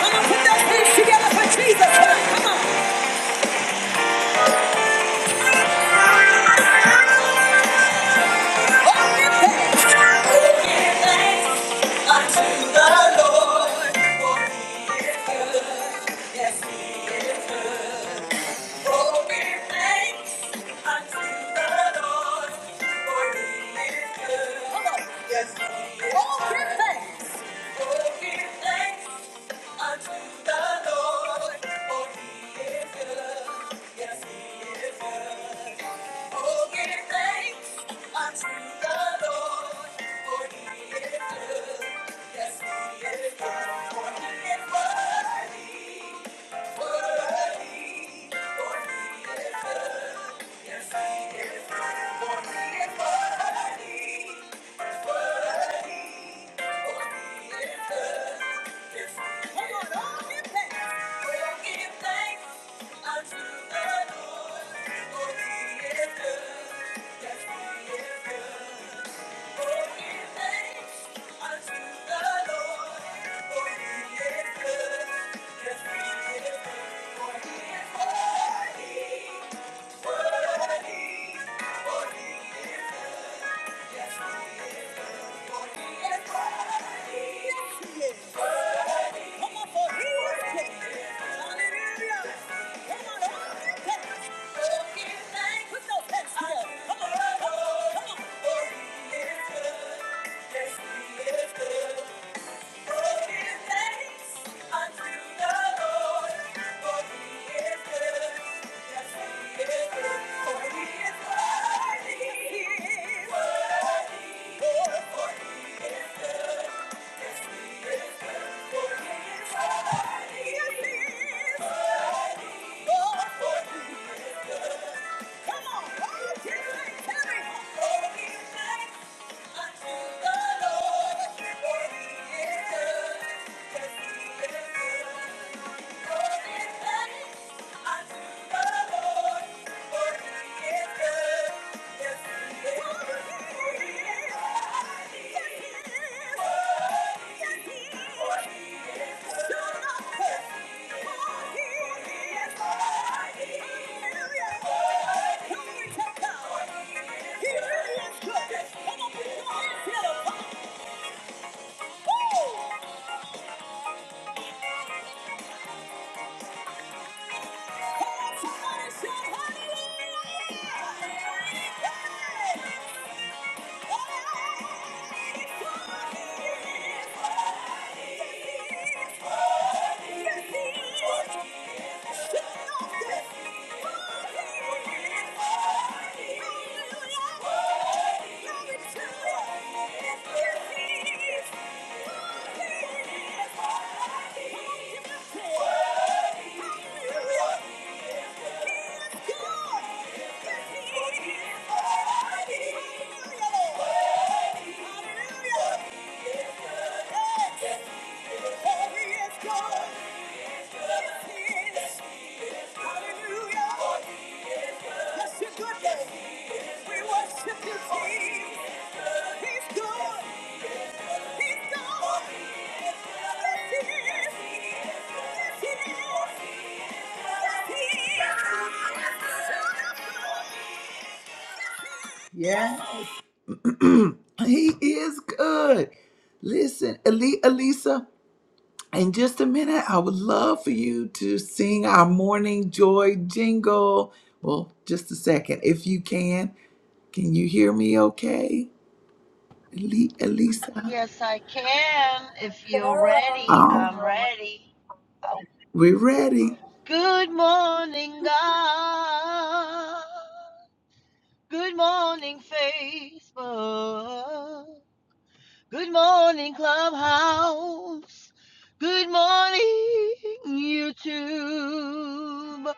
Come on, put those hands together for Jesus Come on. Oh, Give thanks unto the Lord, for he is good. Yes, oh, give thanks unto the Lord, for he is good. Come on. Yes, Oh, Oh, give thanks unto the Lord, for he is good. Yes, he is good. Oh, give thanks unto the Lord, for He is good. Yes, He is good, for He is worthy, worthy, for He is good. Thank you. Yes, we Yes, he is good for He He is worthy, for he is good. Thank you. Come on, Hallelujah! Hallelujah! Yeah, he is good. Listen, Ali, Elisa, In just a minute, I would love for you to sing our morning joy jingle. Well, just a second. If you can, can you hear me okay? Eli- Elisa? Yes, I can. If you're ready, I'm Oh, ready. Oh, we're ready. good morning, God. Good morning, Facebook. Good morning, Clubhouse. Good morning, YouTube.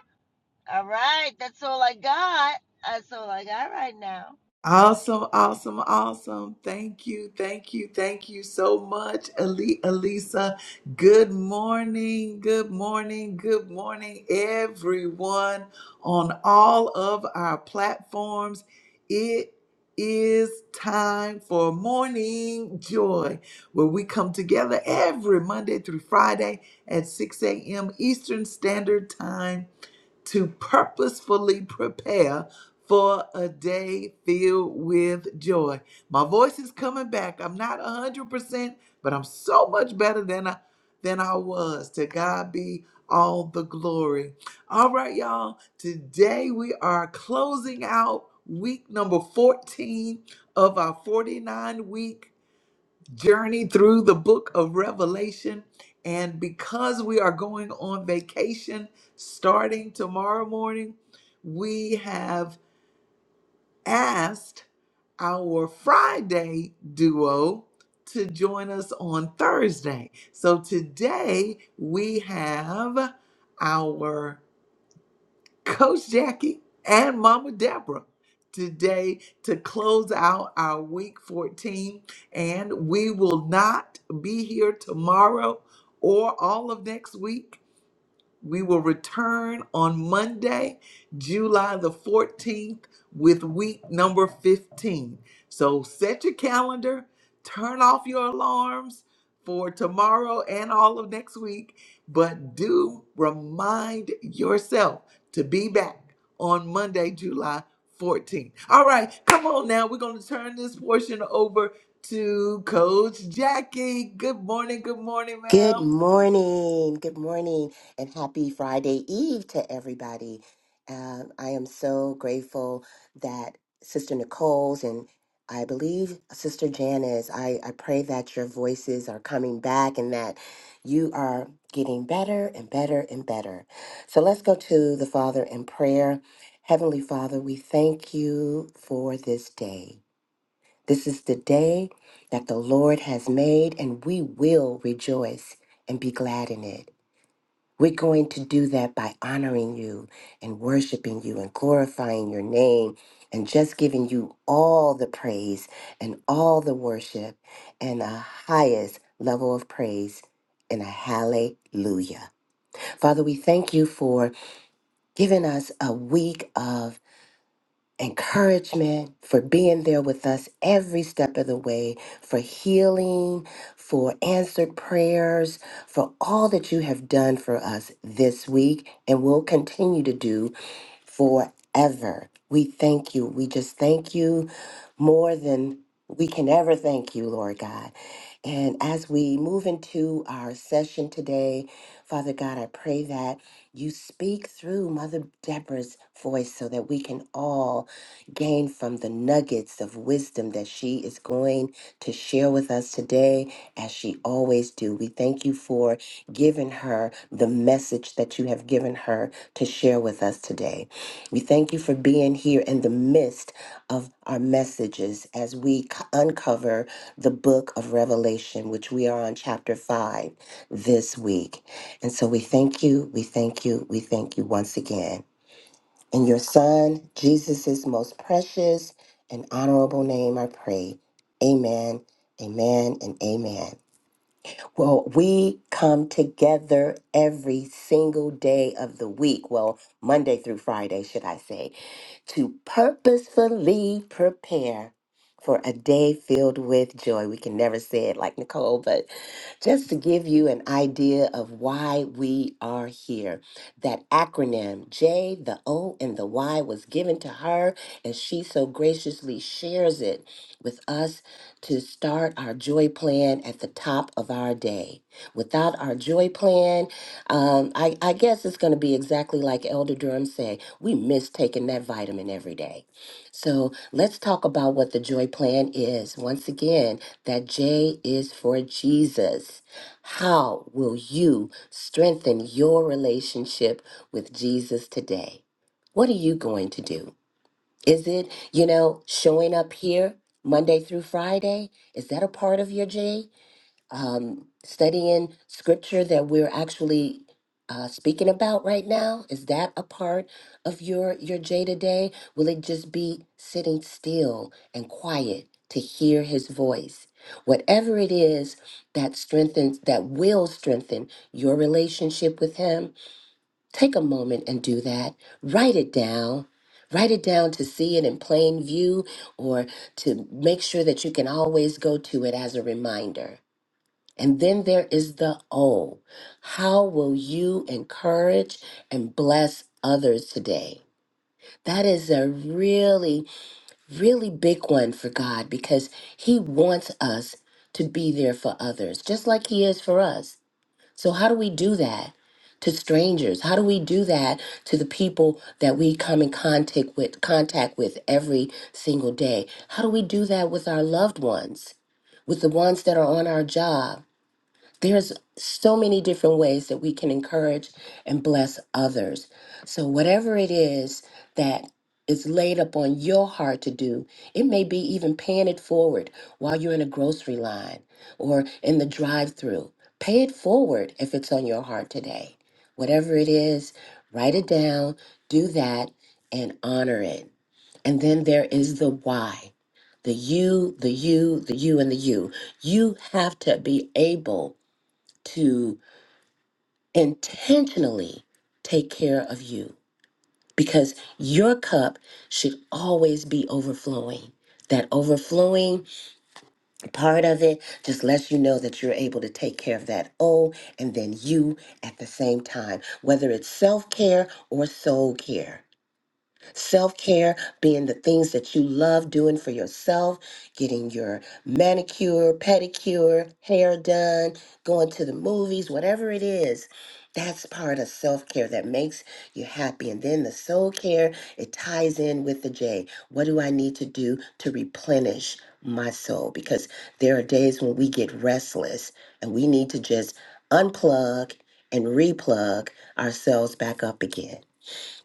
All right, that's all I got. That's all I got right now. Awesome, awesome, awesome. Thank you, thank you, thank you so much, Ali Elisa. Good morning, good morning, good morning, everyone on all of our platforms. It is time for Morning Joy, where we come together every Monday through Friday at 6 a.m. Eastern Standard Time to purposefully prepare for a day filled with joy. My voice is coming back. I'm not 100%, but I'm so much better than I, than I was. To God be all the glory. All right, y'all. Today we are closing out week number 14 of our 49 week journey through the book of Revelation. And because we are going on vacation starting tomorrow morning, we have asked our Friday duo to join us on Thursday. So today we have our Coach Jackie and Mama Deborah today to close out our week 14. And we will not be here tomorrow or all of next week we will return on Monday, July the 14th, with week number 15. So set your calendar, turn off your alarms for tomorrow and all of next week, but do remind yourself to be back on Monday, July 14th. All right, come on now. We're going to turn this portion over to Coach Jackie. Good morning. Good morning, Good ma'am. morning. Good morning. And happy Friday Eve to everybody. Um, I am so grateful that Sister Nicole's and I believe Sister Janice, I, I pray that your voices are coming back and that you are getting better and better and better. So let's go to the Father in prayer. Heavenly Father, we thank you for this day. This is the day that the Lord has made, and we will rejoice and be glad in it. We're going to do that by honoring you and worshiping you and glorifying your name and just giving you all the praise and all the worship and the highest level of praise and a hallelujah. Father, we thank you for giving us a week of encouragement, for being there with us every step of the way, for healing, for answered prayers, for all that you have done for us this week and will continue to do forever. We thank you. We just thank you more than we can ever thank you, Lord God. And as we move into our session today, Father God, I pray that you speak through Mother Deborah's voice so that we can all gain from the nuggets of wisdom that she is going to share with us today, as she always do. We thank you for giving her the message that you have given her to share with us today. We thank you for being here in the midst of our messages as we c- uncover the book of Revelation, which we are on chapter 5 this week. And so we thank you, we thank you, we thank you once again. In your Son, Jesus' most precious and honorable name, I pray. Amen, amen, and amen. Well, we come together every single day of the week. Well, Monday through Friday, should I say to purposefully prepare for a day filled with joy. We can never say it like Nicole, but just to give you an idea of why we are here. That acronym J, the O, and the Y was given to her, and she so graciously shares it with us to start our joy plan at the top of our day. Without our joy plan, um, I, I guess it's going to be exactly like Elder Durham said. We miss taking that vitamin every day. So let's talk about what the joy plan is. Once again, that J is for Jesus. How will you strengthen your relationship with Jesus today? What are you going to do? Is it, you know, showing up here Monday through Friday? Is that a part of your J? um, studying scripture that we're actually uh, speaking about right now? Is that a part of your your day to day? Will it just be sitting still and quiet to hear His voice? Whatever it is that strengthens, that will strengthen your relationship with Him, take a moment and do that. Write it down. Write it down to see it in plain view or to make sure that you can always go to it as a reminder and then there is the O. How will you encourage and bless others today? That is a really, really big one for God because He wants us to be there for others, just like He is for us. So, how do we do that to strangers? How do we do that to the people that we come in contact with, contact with every single day? How do we do that with our loved ones, with the ones that are on our job? There's so many different ways that we can encourage and bless others. So, whatever it is that is laid upon your heart to do, it may be even paying it forward while you're in a grocery line or in the drive through. Pay it forward if it's on your heart today. Whatever it is, write it down, do that, and honor it. And then there is the why the you, the you, the you, and the you. You have to be able to intentionally take care of you because your cup should always be overflowing. That overflowing part of it just lets you know that you're able to take care of that O and then you at the same time, whether it's self care or soul care. Self care being the things that you love doing for yourself, getting your manicure, pedicure, hair done, going to the movies, whatever it is. That's part of self care that makes you happy. And then the soul care, it ties in with the J. What do I need to do to replenish my soul? Because there are days when we get restless and we need to just unplug and replug ourselves back up again.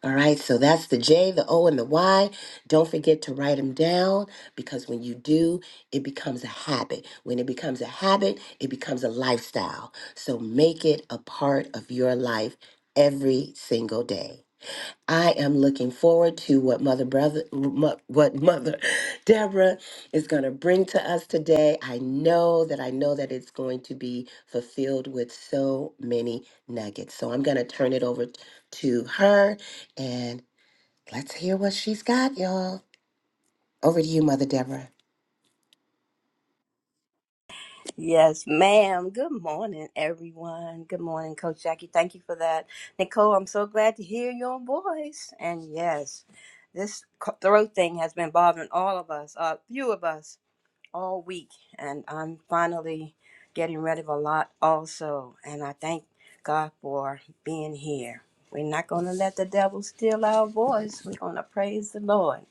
All right, so that's the J, the O, and the Y. Don't forget to write them down because when you do, it becomes a habit. When it becomes a habit, it becomes a lifestyle. So make it a part of your life every single day. I am looking forward to what Mother Brother, mo- what Mother Deborah is going to bring to us today. I know that I know that it's going to be fulfilled with so many nuggets. So I'm going to turn it over t- to her, and let's hear what she's got, y'all. Over to you, Mother Deborah. Yes, ma'am. Good morning, everyone. Good morning, Coach Jackie. Thank you for that. Nicole, I'm so glad to hear your voice. And yes, this co- throat thing has been bothering all of us, a few of us, all week. And I'm finally getting rid of a lot also. And I thank God for being here. We're not going to let the devil steal our voice. We're going to praise the Lord.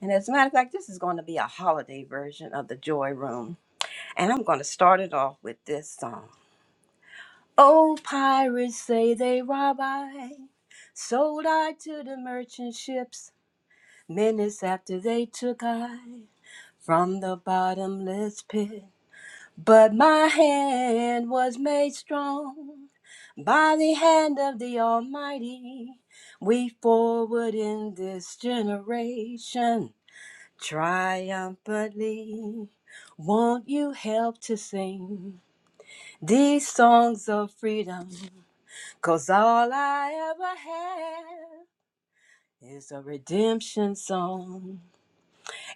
And as a matter of fact, this is going to be a holiday version of the Joy Room and I'm going to start it off with this song. Oh, pirates say they rob I, sold I to the merchant ships. Minutes after they took I from the bottomless pit. But my hand was made strong by the hand of the Almighty. We forward in this generation triumphantly. Won't you help to sing? These songs of freedom, cause all I ever had is a redemption song.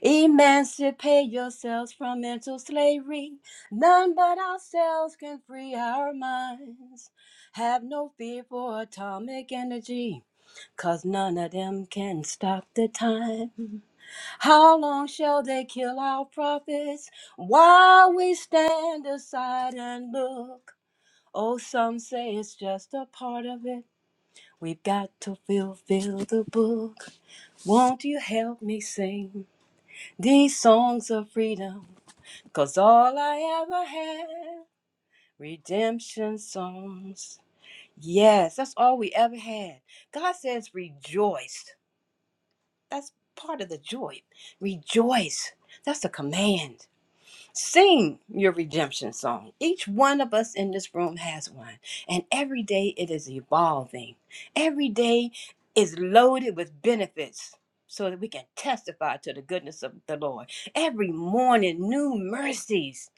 Emancipate yourselves from mental slavery. None but ourselves can free our minds. Have no fear for atomic energy, cause none of them can stop the time. How long shall they kill our prophets while we stand aside and look? Oh, some say it's just a part of it. We've got to fulfill the book. Won't you help me sing these songs of freedom? 'Cause all I ever had, redemption songs. Yes, that's all we ever had. God says rejoice. That's part of the joy. Rejoice. That's a command. Sing your redemption song. Each one of us in this room has one, and every day it is evolving. Every day is loaded with benefits so that we can testify to the goodness of the Lord. Every morning, new mercies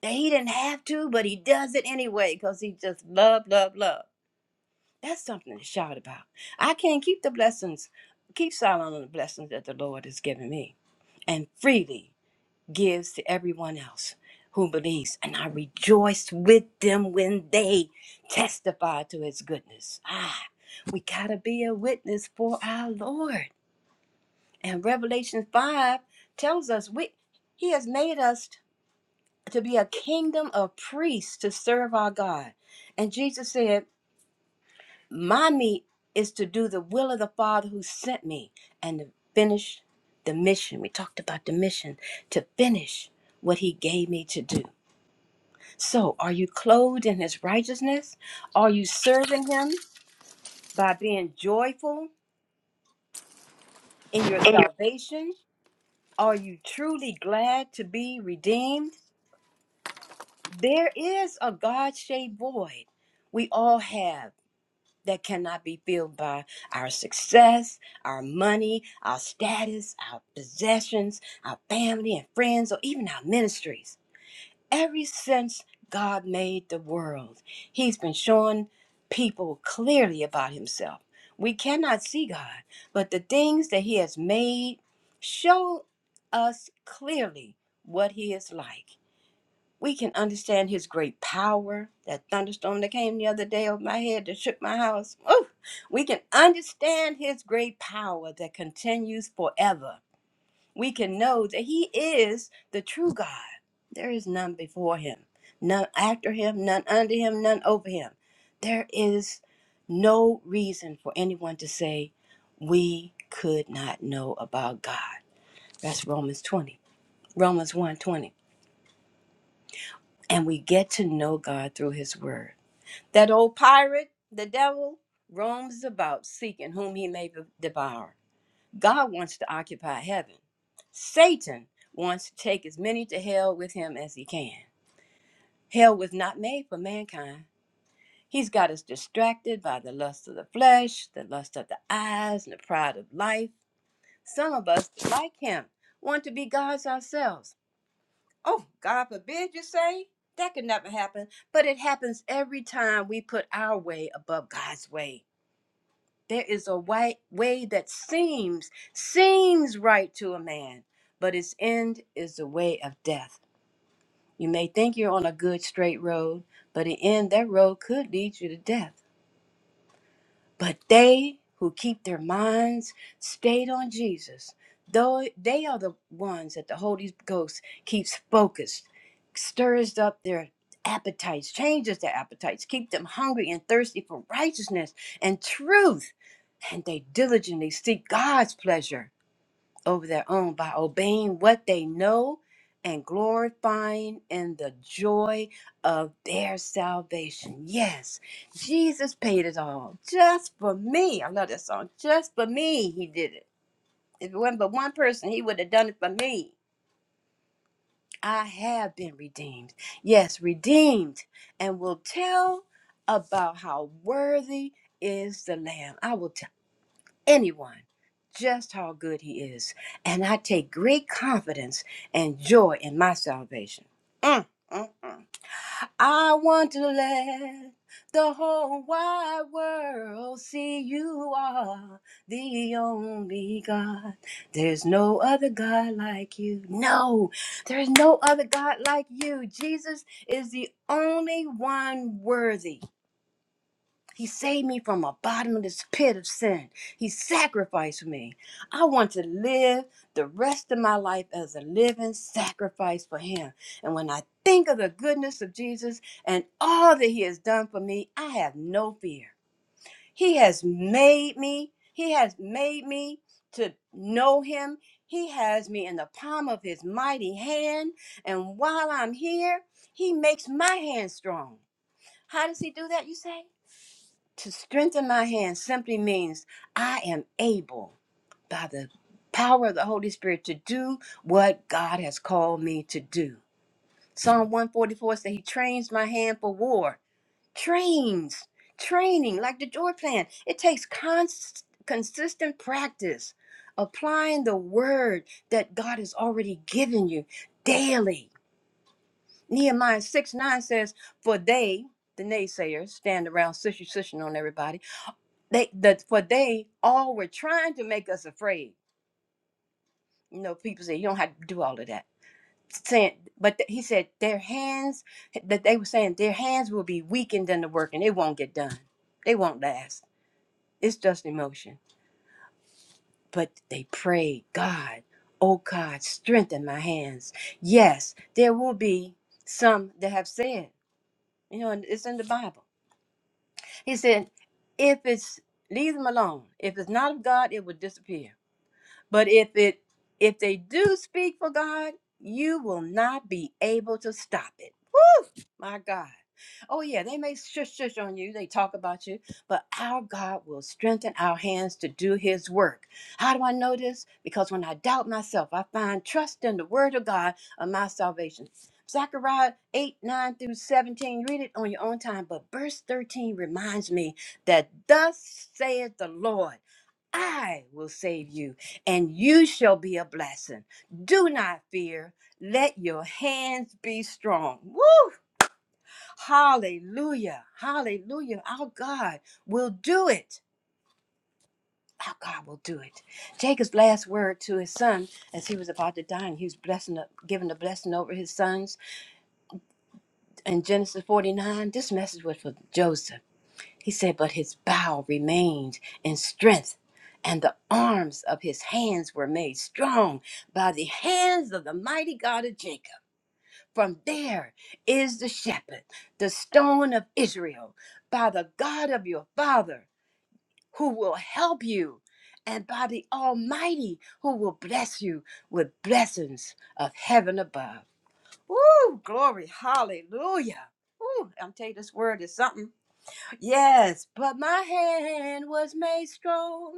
that He didn't have to, but He does it anyway because He just love, love, love. That's something to shout about. I can't keep the blessings, keep silent on the blessings that the Lord has given me and freely gives to everyone else who believes. And I rejoice with them when they testify to his goodness. Ah, we got to be a witness for our Lord. And Revelation 5 tells us we, he has made us to be a kingdom of priests to serve our God. And Jesus said, My meat is to do the will of the Father who sent me and to finish the mission. We talked about the mission to finish what he gave me to do. So, are you clothed in his righteousness? Are you serving him by being joyful in your And you salvation? Are you truly glad to be redeemed? There is a God shaped void we all have that cannot be filled by our success, our money, our status, our possessions, our family and friends, or even our ministries. Ever since God made the world, He's been showing people clearly about Himself. We cannot see God, but the things that He has made show us clearly what He is like. We can understand His great power. That thunderstorm that came the other day over my head that shook my house. Ooh, we can understand His great power that continues forever we can know that he is the true God. There is none before him, none after him, none under him, none over him. There is no reason for anyone to say we could not know about God. That's Romans 20, Romans 1 twenty. And we get to know God through his word. That old pirate, the devil, roams about seeking whom he may devour. God wants to occupy heaven. Satan wants to take as many to hell with him as he can. Hell was not made for mankind. He's got us distracted by the lust of the flesh, the lust of the eyes, and the pride of life. Some of us, like him, want to be gods ourselves. Oh, God forbid you say? That could never happen. But it happens every time we put our way above God's way. There is a way, way that seems seems right to a man, but its end is the way of death. You may think you're on a good straight road, but in the end that road could lead you to death. But they who keep their minds stayed on Jesus, though they are the ones that the Holy Ghost keeps focused, stirs up their appetites, changes their appetites, keep them hungry and thirsty for righteousness and truth, and they diligently seek God's pleasure over their own by obeying what they know and glorifying in the joy of their salvation. Yes, Jesus paid it all just for me. I love that song. Just for me, he did it. If it wasn't but one person, he would have done it for me. I have been redeemed. Yes, redeemed. And will tell about how worthy is the Lamb. I will tell anyone just how good he is. And I take great confidence and joy in my salvation. Mm, mm, mm. I want to let the whole wide world see you are the only God. There's no other God like you. No, there's no other God like you. Jesus is the only one worthy. He saved me from a bottomless pit of sin. He sacrificed me. I want to live the rest of my life as a living sacrifice for Him. And when I think of the goodness of Jesus and all that He has done for me, I have no fear. He has made me, He has made me to know Him. He has me in the palm of His mighty hand. And while I'm here, He makes my hand strong. How does He do that, you say? To strengthen my hands simply means I am able by the power of the Holy Spirit to do what God has called me to do. Psalm 144 says, He trains my hand for war. Trains, training, like the joy plan. It takes cons- consistent practice, applying the word that God has already given you daily. Nehemiah 6 9 says, For they, the naysayers, stand around sister, sister on everybody they the for they all were trying to make us afraid. You know, people say you don't have to do all of that. Saying, but th- he said their hands that they were saying their hands will be weakened in the work and it won't get done. They won't last. It's just emotion. But they prayed, God, oh God, strengthen my hands. Yes, there will be some that have said, you know, and it's in the Bible. He said, if it's leave them alone. If it's not of God, it will disappear But if it if they do speak for God, you will not be able to stop it. My God. Oh, yeah, they may shush shush on you, they talk about you, but our God will strengthen our hands to do his work. How do I know this? Because when I doubt myself, I find trust in the word of God of my salvation. Zechariah 8, 9 through 17, read it on your own time. But verse 13 reminds me that thus saith the Lord, I will save you, and you shall be a blessing. Do not fear. Let your hands be strong. Woo! Hallelujah. Hallelujah. Our God will do it. Our God will do it. Jacob's last word to his son as he was about to die, and he was blessing, giving the blessing over his sons. In Genesis 49, this message was for Joseph. He said, But his bow remained in strength, and the arms of his hands were made strong by the hands of the mighty God of Jacob. From there is the shepherd, the stone of Israel, by the God of your father, who will help you, and by the Almighty, who will bless you with blessings of heaven above. Woo! Glory, hallelujah. Woo! I'm telling you, this word is something. Yes, but my hand was made strong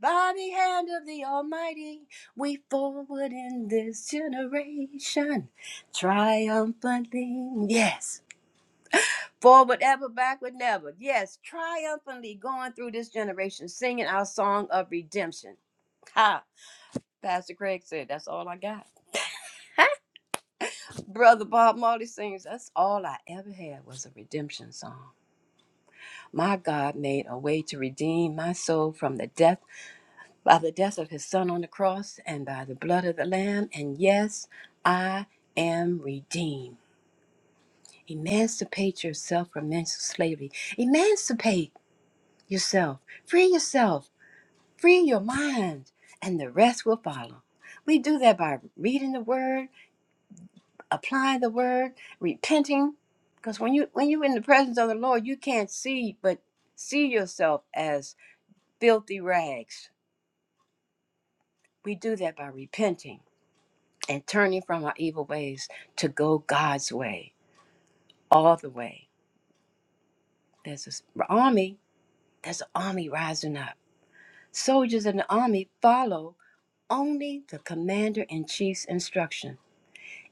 by the hand of the Almighty. We forward in this generation triumphantly. Yes, forward ever, backward never. Yes, triumphantly going through this generation, singing our song of redemption. Ha! Pastor Craig said, That's all I got. Ha! Brother Bob Marley sings, That's all I ever had was a redemption song. My God made a way to redeem my soul from the death. by the death of his son on the cross and by the blood of the lamb and yes i am redeemed emancipate yourself from mental slavery emancipate yourself free yourself free your mind and the rest will follow we do that by reading the word applying the word repenting because when you when you're in the presence of the lord you can't see but see yourself as filthy rags we do that by repenting and turning from our evil ways to go God's way, all the way. There's an army, there's an army rising up. Soldiers in the army follow only the commander in chief's instruction.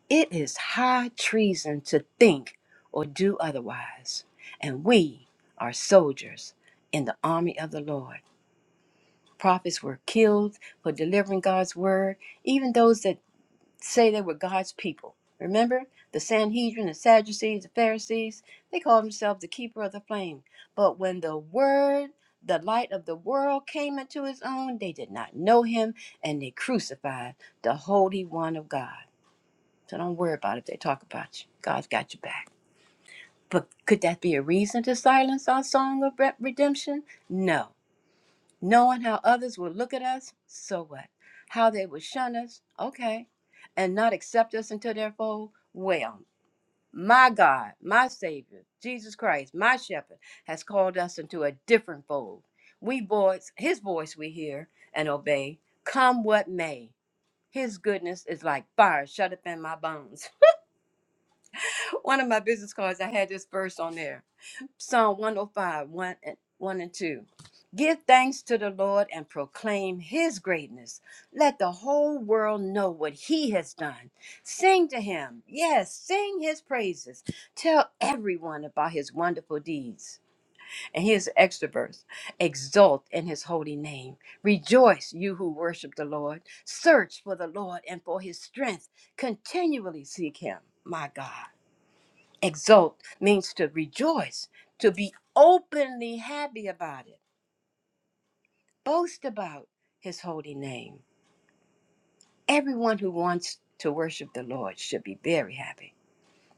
It is high treason to think or do otherwise. And we are soldiers in the army of the Lord. Prophets were killed for delivering God's word. Even those that say they were God's people. Remember, the Sanhedrin, the Sadducees, the Pharisees, they called themselves the keeper of the flame. But when the word, the light of the world came into his own, they did not know him and they crucified the Holy One of God. So don't worry about it if they talk about you. God's got your back. But could that be a reason to silence our song of re- redemption? No knowing how others would look at us, so what? How they would shun us, okay, and not accept us into their fold, well, my God, my Savior, Jesus Christ, my Shepherd, has called us into a different fold. We voice, His voice we hear and obey, come what may. His goodness is like fire shut up in my bones. One of my business cards, I had this verse on there Psalm 105, and, 1 and 2. Give thanks to the Lord and proclaim his greatness. Let the whole world know what he has done. Sing to him. Yes, sing his praises. Tell everyone about his wonderful deeds. And here's the extra verse Exult in his holy name. Rejoice, you who worship the Lord. Search for the Lord and for his strength. Continually seek him. My God. Exult means to rejoice, to be openly happy about it, boast about his holy name. Everyone who wants to worship the Lord should be very happy.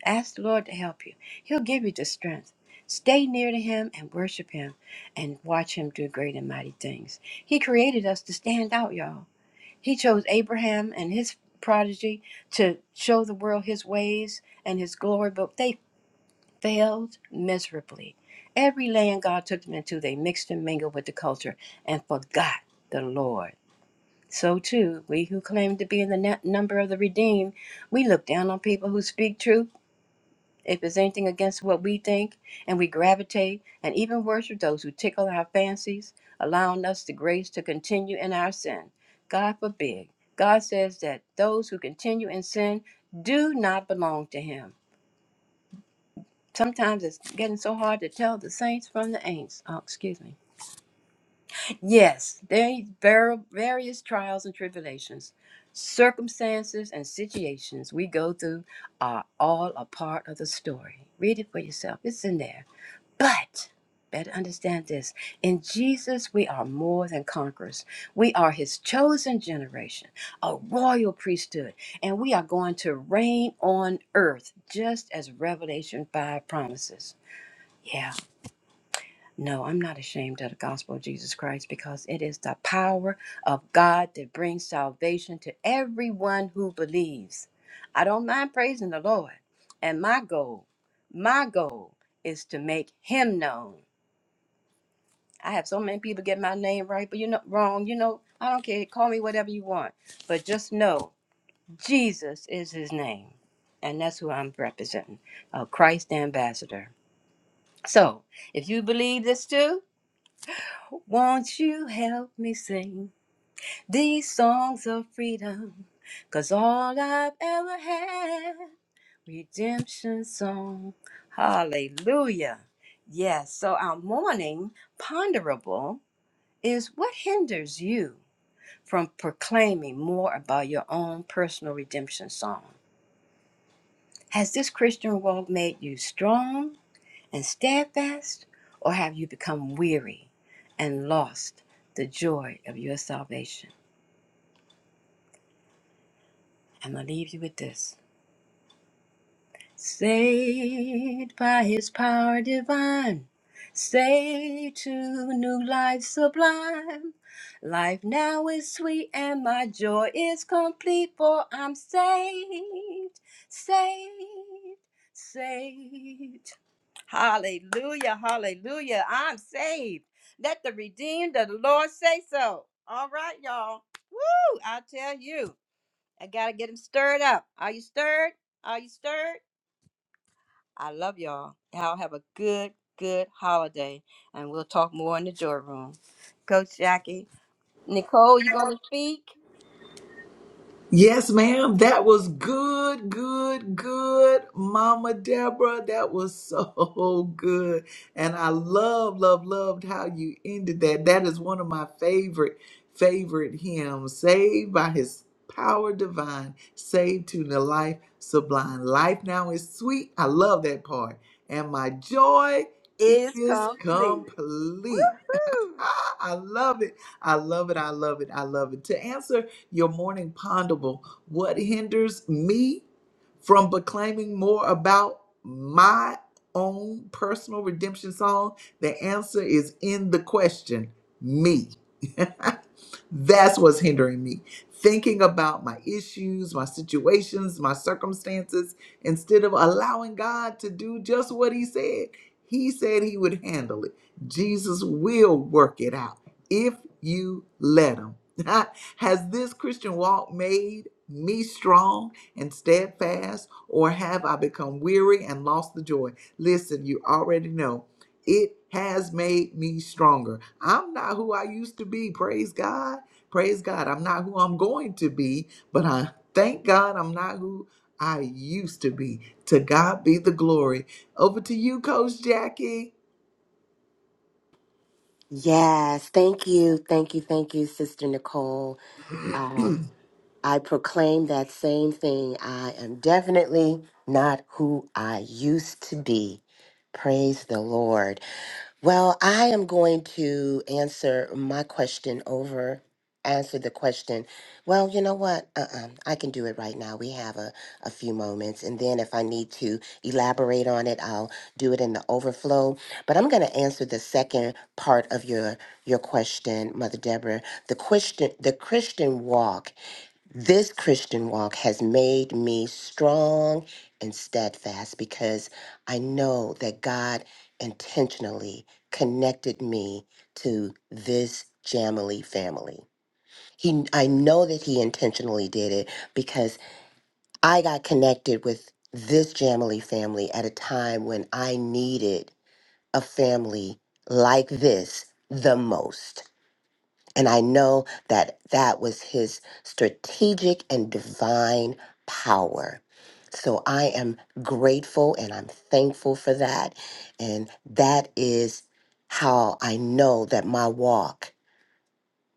Ask the Lord to help you, He'll give you the strength. Stay near to Him and worship Him and watch Him do great and mighty things. He created us to stand out, y'all. He chose Abraham and his prodigy to show the world His ways and His glory, but they failed miserably. Every land God took them into, they mixed and mingled with the culture and forgot the Lord. So, too, we who claim to be in the net number of the redeemed, we look down on people who speak truth if it's anything against what we think, and we gravitate and even worship those who tickle our fancies, allowing us the grace to continue in our sin. God forbid. God says that those who continue in sin do not belong to Him. Sometimes it's getting so hard to tell the saints from the ain'ts. Oh, excuse me. Yes, there's are various trials and tribulations, circumstances and situations we go through are all a part of the story. Read it for yourself. It's in there. But better understand this. In Jesus, we are more than conquerors. We are his chosen generation, a royal priesthood, and we are going to reign on earth, just as Revelation 5 promises. Yeah. No, I'm not ashamed of the gospel of Jesus Christ because it is the power of God that brings salvation to everyone who believes. I don't mind praising the Lord. And my goal, my goal is to make him known. I have so many people get my name right, but you know wrong, you know, I don't care. Call me whatever you want. But just know Jesus is his name. And that's who I'm representing. A Christ ambassador. So if you believe this too, Won't you help me sing these songs of freedom? 'Cause all I've ever had, redemption song. Hallelujah. Yes, so our morning ponderable is what hinders you from proclaiming more about your own personal redemption song? Has this Christian walk made you strong? and steadfast, or have you become weary and lost the joy of your salvation? I'm going to leave you with this. Saved by his power divine, saved to new life sublime. Life now is sweet and my joy is complete, for I'm saved, saved, saved. Hallelujah, hallelujah. I'm saved. Let the redeemed of the Lord say so. All right, y'all. Woo! I tell you, I got to get them stirred up. Are you stirred? Are you stirred? I love y'all. Y'all have a good, good holiday. And we'll talk more in the joy room. Coach Jackie, Nicole, you going to speak? Yes, ma'am. That was good, good, good, Mama Deborah. That was so good. And I love, love, loved how you ended that. That is one of my favorite, favorite hymns. Saved by his power divine, saved to the life sublime. Life now is sweet. I love that part. And my joy Is is complete. Woo! complete. hoo! Ah, I love it. I love it. I love it. I love it. To answer your morning ponderable, what hinders me from proclaiming more about my own personal redemption song? The answer is in the question me. That's what's hindering me. Thinking about my issues, my situations, my circumstances, instead of allowing God to do just what He said. He said He would handle it. Jesus will work it out if you let him. Has this Christian walk made me strong and steadfast, or have I become weary and lost the joy? Listen, you already know it has made me stronger. I'm not who I used to be. Praise God. Praise God. I'm not who I'm going to be, but I thank God I'm not who I used to be. To God be the glory. Over to you, Coach Jackie. Yes, thank you, thank you, thank you, Sister Nicole. I proclaim that same thing. I am definitely not who I used to be. Praise the Lord. Well, I am going to answer my question over, answer the question. Well, you know what? Uh-uh. I can do it right now. We have a, a few moments. And then if I need to elaborate on it, I'll do it in the overflow. But I'm going to answer the second part of your, your question, Mother Deborah. The question, the Christian walk this Christian walk has made me strong and steadfast because I know that God intentionally connected me to this Jamily family. He I know that he intentionally did it because I got connected with this Jamily family at a time when I needed a family like this the most. And I know that that was his strategic and divine power. So I am grateful and I'm thankful for that. And that is how I know that my walk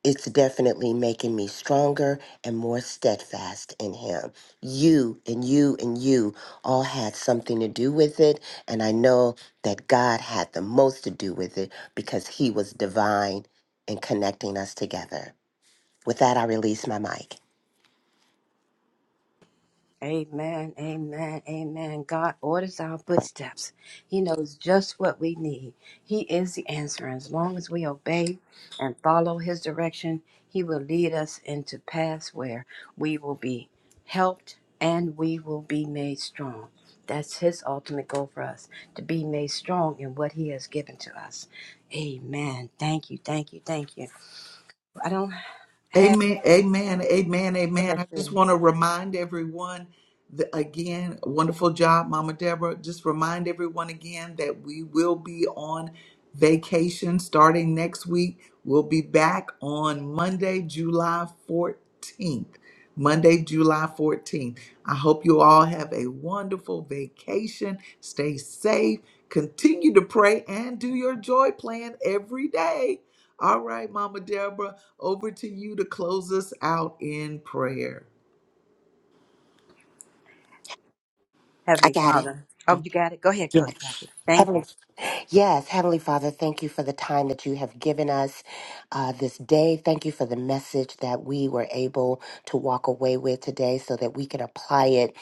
it's definitely making me stronger and more steadfast in him. You and you and you all had something to do with it and I know that God had the most to do with it because he was divine in connecting us together. With that, I release my mic. Amen, amen, amen. God orders our footsteps. He knows just what we need. He is the answer. As long as we obey and follow His direction, He will lead us into paths where we will be helped and we will be made strong. That's His ultimate goal for us to be made strong in what He has given to us. Amen. Thank you, thank you, thank you. I don't Amen, amen, amen, amen. bless I just you, want to remind everyone that, again, wonderful job, Mama Deborah. Just remind everyone again that we will be on vacation starting next week. We'll be back on Monday, July 14th. Monday, July 14th. I hope you all have a wonderful vacation. Stay safe. Continue to pray and do your joy plan every day. All right, Mama Deborah. Over to you to close us out in prayer. I Heavenly got it. Father. Oh, Oh, you got it? Go ahead, yeah. Coach Jackie. Thank Heavenly you. Yes, Heavenly Father, thank you for the time that you have given us uh, this day. Thank you for the message that we were able to walk away with today so that we can apply it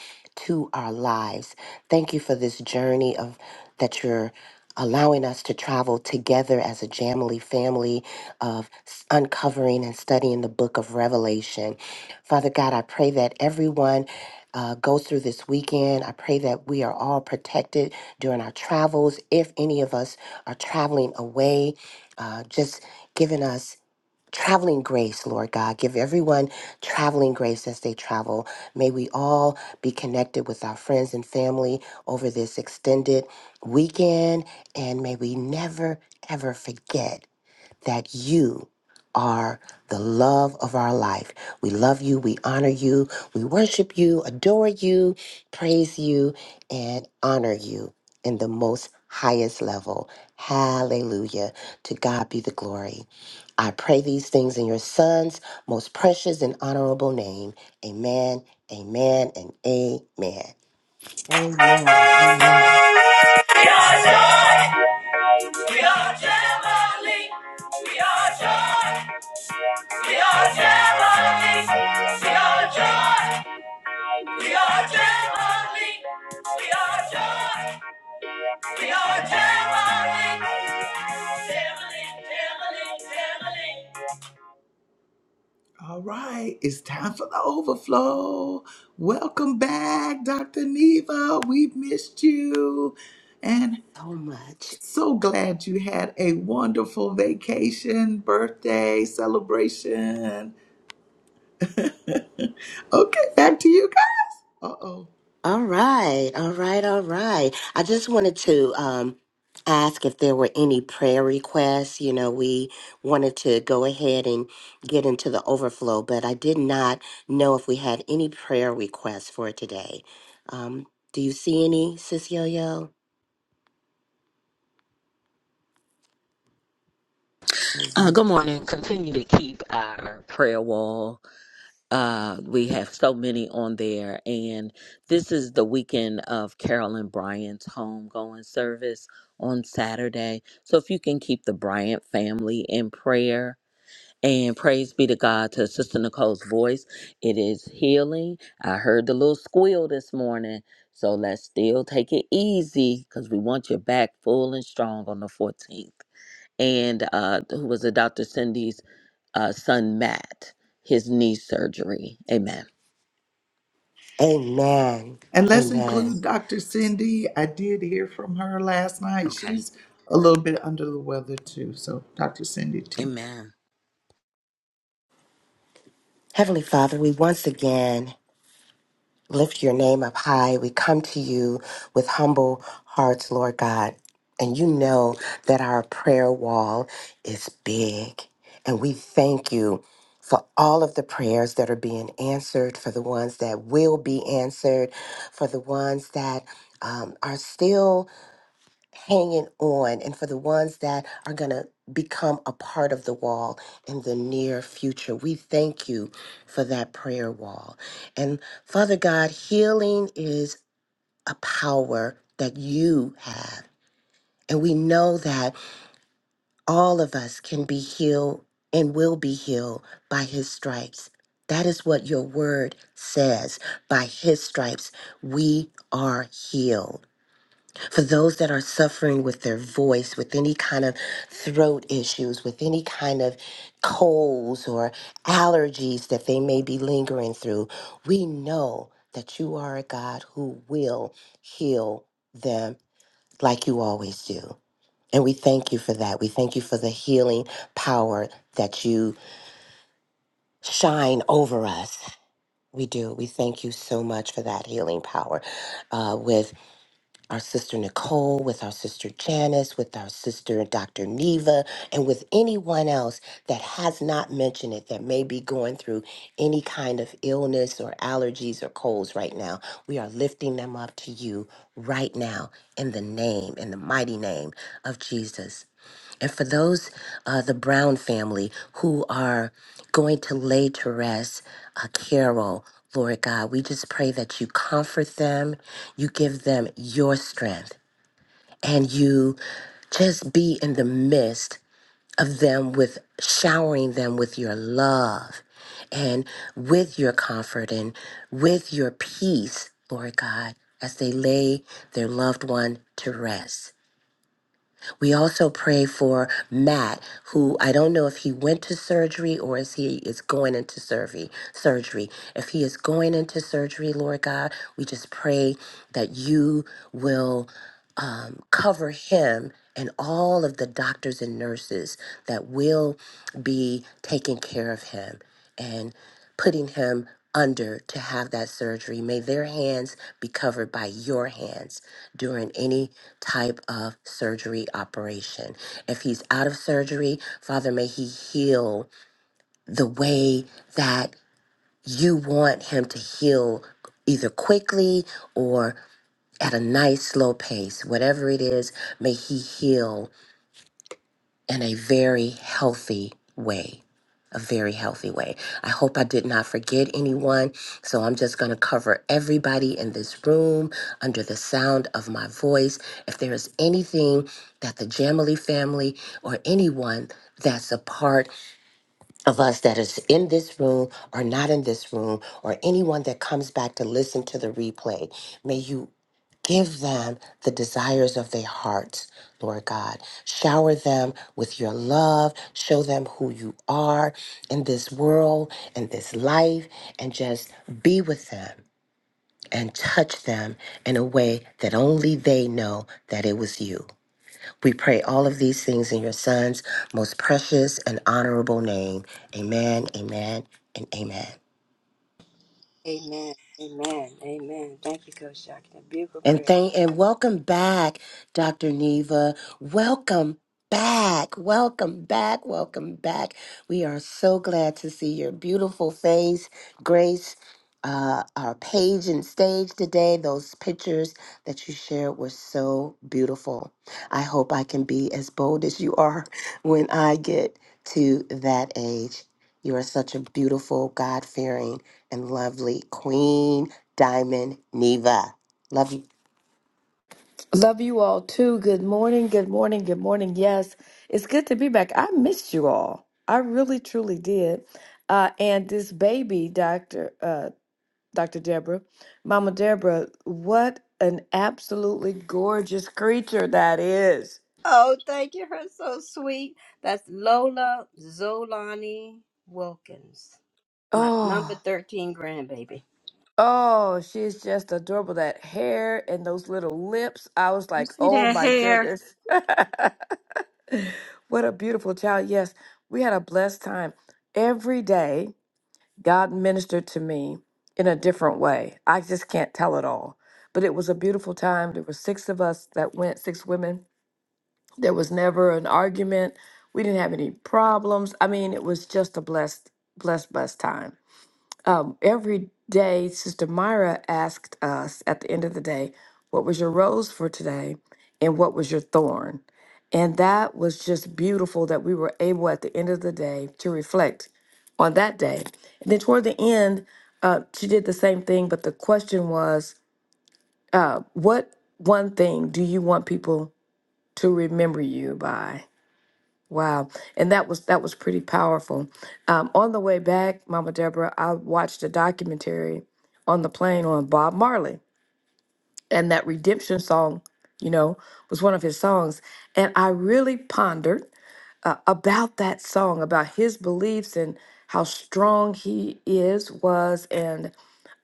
to our lives. Thank you for this journey of that you're allowing us to travel together as a Jamily family of s- uncovering and studying the book of Revelation. Father God, I pray that everyone uh, goes through this weekend. I pray that we are all protected during our travels, if any of us are traveling away, uh, just giving us traveling grace, Lord God. Give everyone traveling grace as they travel. May we all be connected with our friends and family over this extended weekend, and may we never, ever forget that you are the love of our life. We love you, we honor you, we worship you, adore you, praise you, and honor you in the most highest level. Hallelujah. To God be the glory. I pray these things in your son's most precious and honorable name. Amen, amen, and amen. Amen. Amen. We are joy. We are Jamali. We are joy. We are Jamali. We are joy. We are Jamali. We are joy. We are Jamali. Jamali, Jamali, Jamali. All right, it's time for the overflow. Welcome back, Dr. Neva. We've missed you. and. So much. So glad you had a wonderful vacation, birthday, celebration. okay, back to you guys. Uh oh. All right, all right, all right. I just wanted to um, ask if there were any prayer requests. You know, we wanted to go ahead and get into the overflow, but I did not know if we had any prayer requests for today. Um, do you see any, Sis Yo Yo? Uh, good morning. Continue to keep our prayer wall. Uh, we have so many on there, and this is the weekend of Carolyn Bryant's homegoing service on Saturday. So if you can keep the Bryant family in prayer. And praise be to God to Sister Nicole's voice. It is healing. I heard the little squeal this morning. So let's still take it easy because we want you back full and strong on the 14th and uh, who was it, Dr. Cindy's uh, son Matt his knee surgery. Amen. Amen. And let's Amen. include Dr. Cindy. I did hear from her last night. Okay. She's a little bit under the weather too. So, Dr. Cindy, too. Amen. Heavenly Father, we once again lift your name up high. We come to you with humble hearts, Lord God. And you know that our prayer wall is big. And we thank you for all of the prayers that are being answered, for the ones that will be answered, for the ones that um, are still hanging on and for the ones that are going to become a part of the wall in the near future. We thank you for that prayer wall. And Father God, healing is a power that you have. And we know that all of us can be healed and will be healed by his stripes. That is what your word says. By his stripes, we are healed for those that are suffering with their voice, with any kind of throat issues, with any kind of colds or allergies that they may be lingering through, we know that you are a God who will heal them like you always do. And we thank you for that. We thank you for the healing power that you shine over us. We do. We thank you so much for that healing power uh, with our sister Nicole, with our sister Janice, with our sister Dr. Neva, and with anyone else that has not mentioned it that may be going through any kind of illness or allergies or colds right now. We are lifting them up to you right now in the name, in the mighty name of Jesus. And for those, uh, the Brown family who are going to lay to rest uh, Carol, Lord God, we just pray that you comfort them, you give them your strength, and you just be in the midst of them with showering them with your love and with your comfort and with your peace, Lord God, as they lay their loved one to rest. We also pray for Matt, who I don't know if he went to surgery or if he is going into surgery. Surgery. If he is going into surgery, Lord God, we just pray that you will cover him and all of the doctors and nurses that will be taking care of him and putting him under to have that surgery. May their hands be covered by your hands during any type of surgery operation. If he's out of surgery, Father, may he heal the way that you want him to heal either quickly or at a nice slow pace, whatever it is, may he heal in a very healthy way. A very healthy way. I hope I did not forget anyone. So I'm just going to cover everybody in this room under the sound of my voice. If there is anything that the Jamily family or anyone that's a part of us that is in this room or not in this room, or anyone that comes back to listen to the replay, may you give them the desires of their hearts, Lord God. Shower them with your love. Show them who you are in this world, in this life, and just be with them and touch them in a way that only they know that it was you. We pray all of these things in your Son's most precious and honorable name. Amen, amen, and amen. Amen. Amen. Amen. Thank you, Coach Jackie. A beautiful And prayer. thank and welcome back, Dr. Neva. Welcome back. Welcome back. Welcome back. We are so glad to see your beautiful face, Grace. Uh, our page and stage today, those pictures that you shared were so beautiful. I hope I can be as bold as you are when I get to that age. You are such a beautiful, God fearing, and lovely Queen Diamond Neva. Love you. Love you all too. Good morning. Good morning. Good morning. Yes, it's good to be back. I missed you all. I really truly did. Uh, and this baby, Doctor uh, Doctor Deborah, Mama Deborah, what an absolutely gorgeous creature that is. Oh, thank you. Her so sweet. That's Lola Zolani Wilkins, my number Oh, 13 grandbaby. oh, she's just adorable. That hair and those little lips. I was You like, see oh that my hair? goodness, what a beautiful child. Yes, we had a blessed time every day. God ministered to me in a different way. I just can't tell it all. But it was a beautiful time. There were six of us that went, six women. There was never an argument. We didn't have any problems. I mean, it was just a blessed, blessed, blessed time. Um, every day, Sister Myra asked us at the end of the day, What was your rose for today? And what was your thorn? And that was just beautiful that we were able at the end of the day to reflect on that day. And then toward the end, uh, she did the same thing, but the question was, What one thing do you want people to remember you by? Wow, and that was that was pretty powerful. Um, on the way back, Mama Deborah, I watched a documentary on the plane on Bob Marley, and that redemption song, you know, was one of his songs, and I really pondered uh, about that song, about his beliefs and how strong he is was, and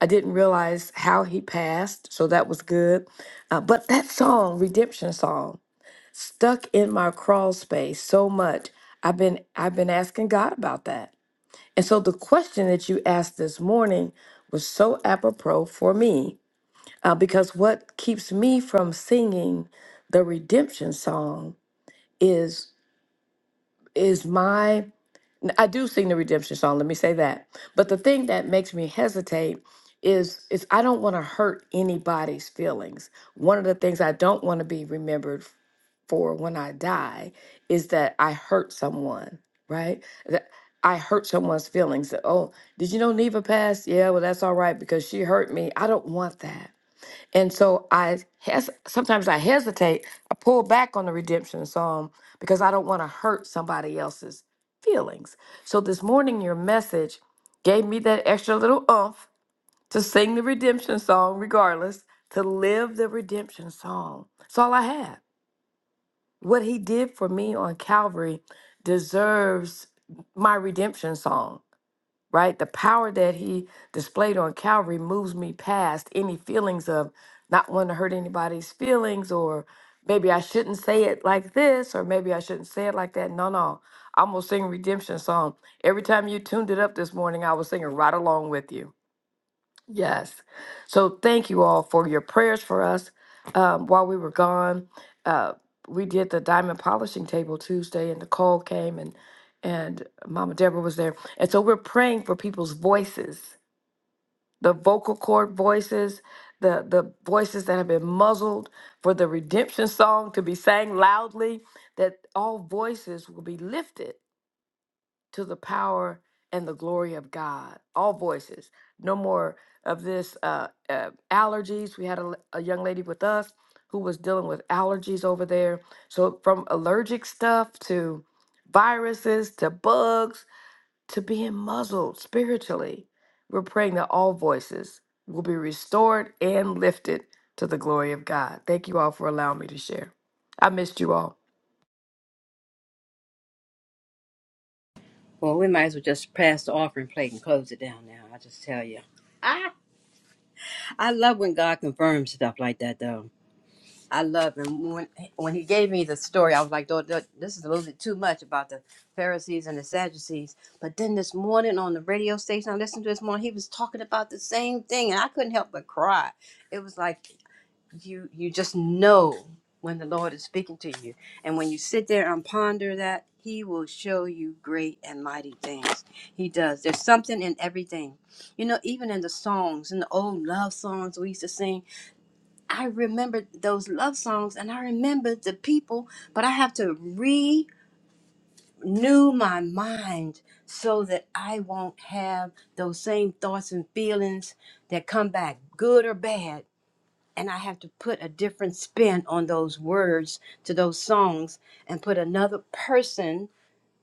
I didn't realize how he passed, so that was good. Uh, but that song, redemption song stuck in my crawl space so much. I've been I've been asking God about that. And so the question that you asked this morning was so apropos for me uh, because what keeps me from singing the redemption song is is my I do sing the redemption song, let me say that. But the thing that makes me hesitate is is I don't want to hurt anybody's feelings. One of the things I don't want to be remembered for when I die is that I hurt someone, right? That I hurt someone's feelings. That, oh, did you know Neva passed? Yeah, well, that's all right because she hurt me. I don't want that. And so I hes- sometimes I hesitate. I pull back on the redemption psalm because I don't want to hurt somebody else's feelings. So this morning, your message gave me that extra little oomph to sing the redemption song, regardless, to live the redemption song. It's all I have. What he did for me on Calvary deserves my redemption song, right? The power that he displayed on Calvary moves me past any feelings of not wanting to hurt anybody's feelings or maybe I shouldn't say it like this or maybe I shouldn't say it like that. No, no. I'm gonna sing redemption song. Every time you tuned it up this morning, I was singing right along with you. Yes. So thank you all for your prayers for us. Um, while we were gone, uh, we did the diamond polishing table Tuesday, and Nicole came and and Mama Deborah was there, and so we're praying for people's voices, the vocal cord voices, the the voices that have been muzzled, for the redemption song to be sang loudly, that all voices will be lifted to the power and the glory of God. All voices. No more of this uh, uh, allergies. We had a a young lady with us who was dealing with allergies over there. So, from allergic stuff to viruses to bugs to being muzzled spiritually, we're praying that all voices will be restored and lifted to the glory of God. Thank you all for allowing me to share. I missed you all. Well, we might as well just pass the offering plate and close it down now. I just tell you. Ah, I love when God confirms stuff like that, though. I love him. When when he gave me the story, I was like, "Lord, th- this is a little bit too much about the Pharisees and the Sadducees. But then this morning on the radio station I listened to this morning, he was talking about the same thing, and I couldn't help but cry. It was like you you just know when the Lord is speaking to you, and when you sit there and ponder that, He will show you great and mighty things. He does. There's something in everything, you know. Even in the songs, in the old love songs we used to sing I remember those love songs and I remember the people, but I have to renew my mind so that I won't have those same thoughts and feelings that come back, good or bad. And I have to put a different spin on those words to those songs and put another person,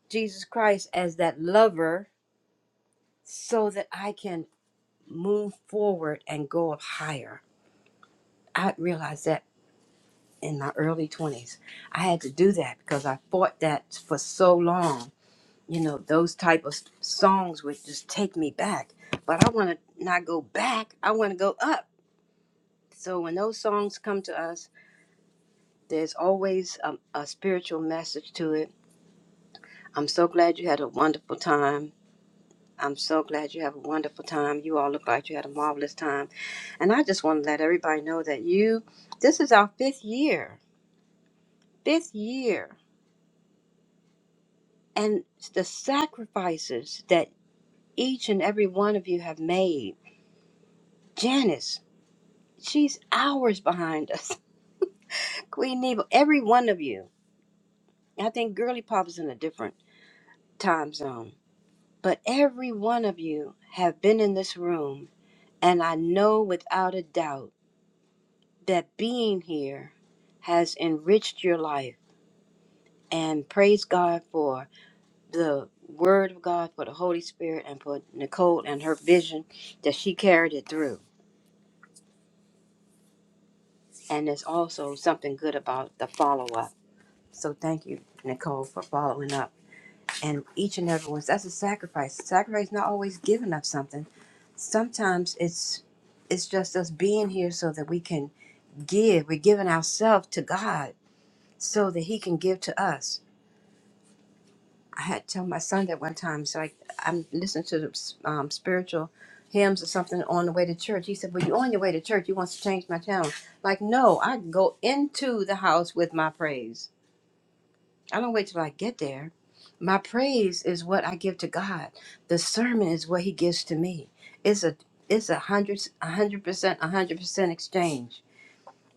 Jesus Christ, as that lover so that I can move forward and go up higher. I realized that in my early 20s i had to do that because i fought that for so long you know those type of songs would just take me back but i want to not go back i want to go up so when those songs come to us there's always a, a spiritual message to it i'm so glad you had a wonderful time i'm so glad you have a wonderful time you all look like you had a marvelous time and i just want to let everybody know that you this is our fifth year fifth year and the sacrifices that each and every one of you have made. Janice, she's hours behind us. Queen Neva, every one of you. I think Girly Pop is in a different time zone, but every one of you have been in this room, and I know without a doubt that being here has enriched your life. And praise God for the Word of God, for the Holy Spirit, and for Nicole and her vision that she carried it through And there's also something good about the follow up. So thank you, Nicole, for following up. And each and every one, that's a sacrifice. Sacrifice is not always giving up something. Sometimes it's it's just us being here so that we can give. We're giving ourselves to God so that He can give to us. I had to tell my son that one time. So I, I'm listening to the um, spiritual hymns or something on the way to church. He said, "Well, you on your way to church. You want to change my tone. Like, no, I go into the house with my praise I don't wait till I get there. My praise is what I give to God. The sermon is what He gives to me. It's a it's a hundred a hundred percent a hundred percent exchange.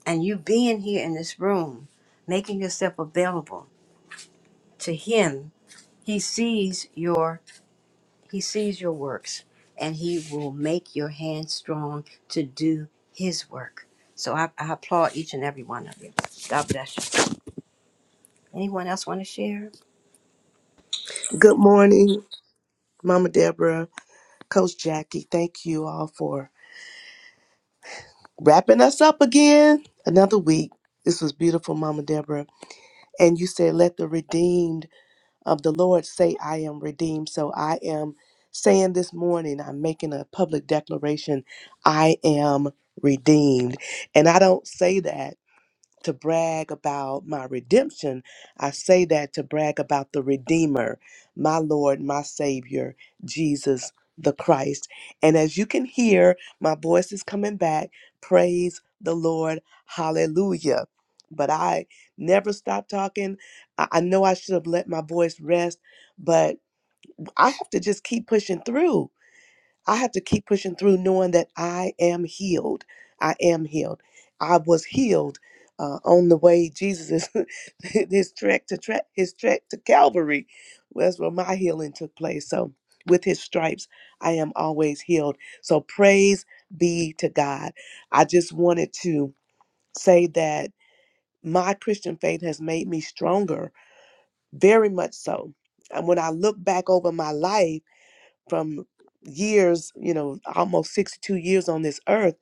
And you being here in this room, making yourself available to Him, He sees your He sees your works, and He will make your hands strong to do His work. So I, I applaud each and every one of you. God bless you. Anyone else want to share? Good morning, Mama Deborah, Coach Jackie. Thank you all for wrapping us up again. Another week. This was beautiful, Mama Deborah. And you said, Let the redeemed of the Lord say, I am redeemed. So I am saying this morning, I'm making a public declaration, I am redeemed. And I don't say that. to brag about my redemption. I say that to brag about the Redeemer, my Lord, my Savior, Jesus the Christ. And as you can hear, my voice is coming back. Praise the Lord. Hallelujah. But I never stop talking. I I know I should have let my voice rest, but I have to just keep pushing through I have to keep pushing through knowing that I am healed. I am healed. I was healed uh, on the way Jesus is his trek to trek his trek to Calvary. That's where my healing took place. So with his stripes, I am always healed. So praise be to God. I just wanted to say that my Christian faith has made me stronger, very much so. And when I look back over my life, from years, you know, almost 62 years on this earth,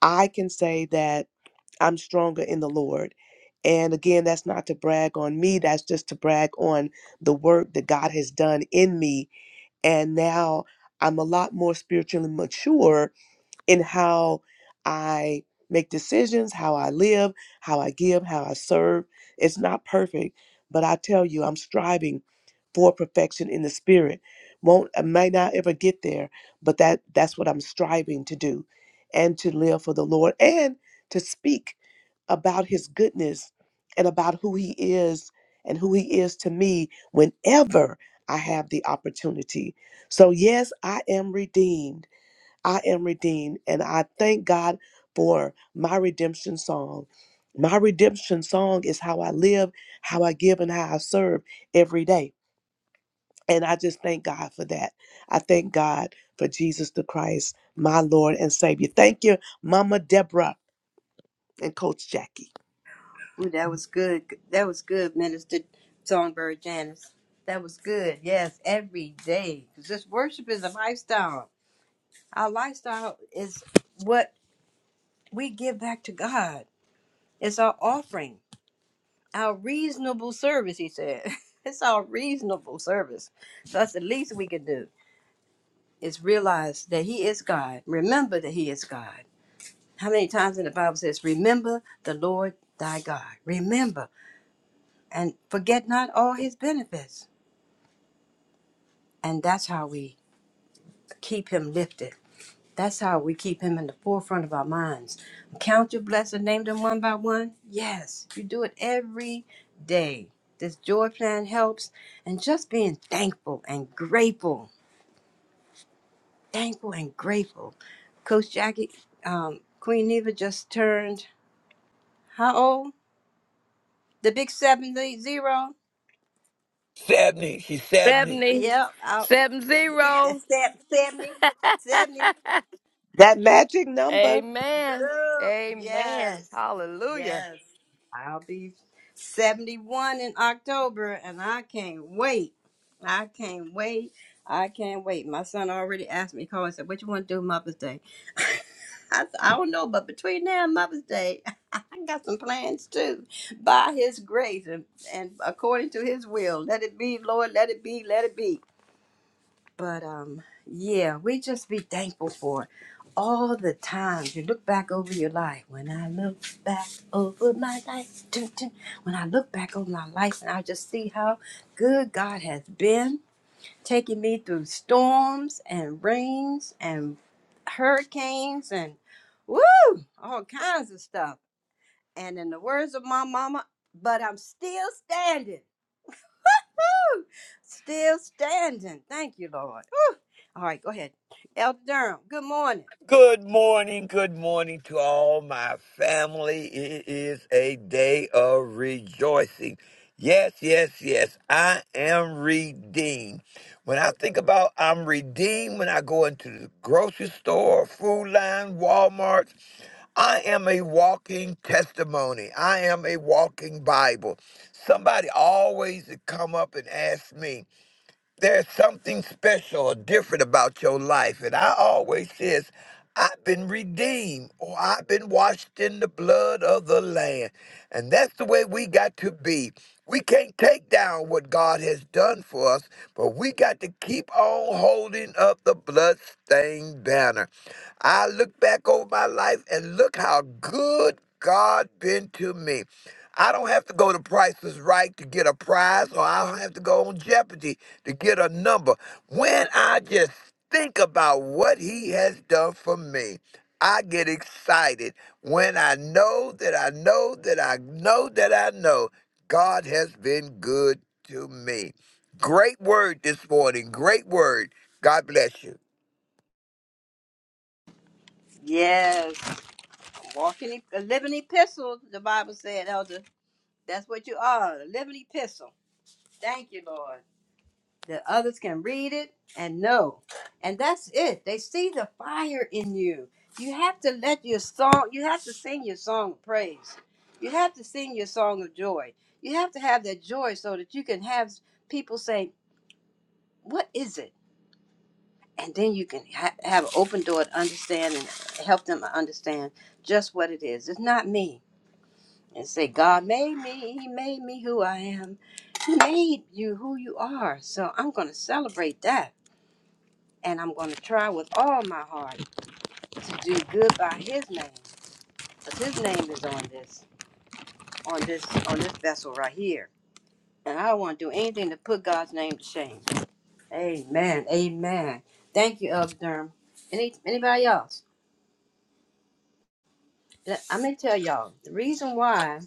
I can say that I'm stronger in the Lord. And again, that's not to brag on me, that's just to brag on the work that God has done in me. And now I'm a lot more spiritually mature in how I make decisions, how I live, how I give, how I serve. It's not perfect, but I tell you, I'm striving for perfection in the spirit. Won't I may not ever get there, but that that's what I'm striving to do and to live for the Lord and to speak about his goodness and about who he is and who he is to me whenever I have the opportunity. So yes, I am redeemed. I am redeemed, and I thank God for my redemption song. My redemption song is how I live, how I give, and how I serve every day. And I just thank God for that. I thank God for Jesus the Christ, my Lord and Savior. Thank you, Mama Deborah and Coach Jackie. Ooh, that was good. That was good, Minister Songbird Janice. That was good. Yes, every day. Because this worship is a lifestyle. Our lifestyle is what we give back to God. It's our offering, our reasonable service, he said. It's our reasonable service. So that's the least we can do is realize that he is God. Remember that he is God. How many times in the Bible says, remember the Lord thy God. Remember and forget not all his benefits And that's how we keep him lifted. That's how we keep him in the forefront of our minds. Count your blessings, name them one by one. Yes, you do it every day. This joy plan helps. And just being thankful and grateful, thankful and grateful. Coach Jackie, um, Queen Neva just turned how old? The big 70. stabbed me. She stabbed me. 70, Yep, out, 70. 70. 70. That magic number. Amen. Look, Amen. yes, Hallelujah. yes. I'll be 71 in October and I can't wait. I can't wait. I can't wait. My son already asked me, called and said, What you want to do Mother's Day? I, said, I don't know, but between now and Mother's Day, I got some plans too. By His grace and, and according to His will, let it be, Lord, let it be, let it be. But um, yeah, we just be thankful for all the times you look back over your life. When I look back over my life, dun, dun, when I look back over my life, and I just see how good God has been, taking me through storms and rains and hurricanes and woo, all kinds of stuff. And in the words of my mama, but I'm still standing, still standing. Thank you, Lord. All right, go ahead. Elder Durham, good morning. Good morning. Good morning to all my family. It is a day of rejoicing. Yes, yes, yes. I am redeemed. When I think about I'm redeemed when I go into the grocery store, food line, Walmart, I am a walking testimony. I am a walking Bible. Somebody always come up and ask me, there's something special or different about your life. And I always says, I've been redeemed or I've been washed in the blood of the Lamb. And that's the way we got to be. We can't take down what God has done for us, but we got to keep on holding up the bloodstained banner. I look back over my life and look how good God been to me. I don't have to go to Price is Right to get a prize, or I don't have to go on Jeopardy to get a number. When I just think about what He has done for me, I get excited when I know that I know that I know that I know God has been good to me. Great word this morning. Great word. God bless you. Yes, walking, e- a living epistle. The Bible said, Elder, that's what you are, a living epistle. Thank you, Lord. That others can read it and know. And that's it. They see the fire in you. You have to let your song, you have to sing your song of praise. You have to sing your song of joy. You have to have that joy so that you can have people say, What is it? and then you can ha- have an open door to understand and help them understand just what it is. It's not me. And say, God made me. He made me who I am. He made you who you are. So I'm going to celebrate that. And I'm going to try with all my heart to do good by His name. Because His name is on this, on this, on this vessel right here. And I don't want to do anything to put God's name to shame. Amen. Amen. Thank you, Elder Durham. Any, anybody else? Let- I'm gonna tell y'all the reason why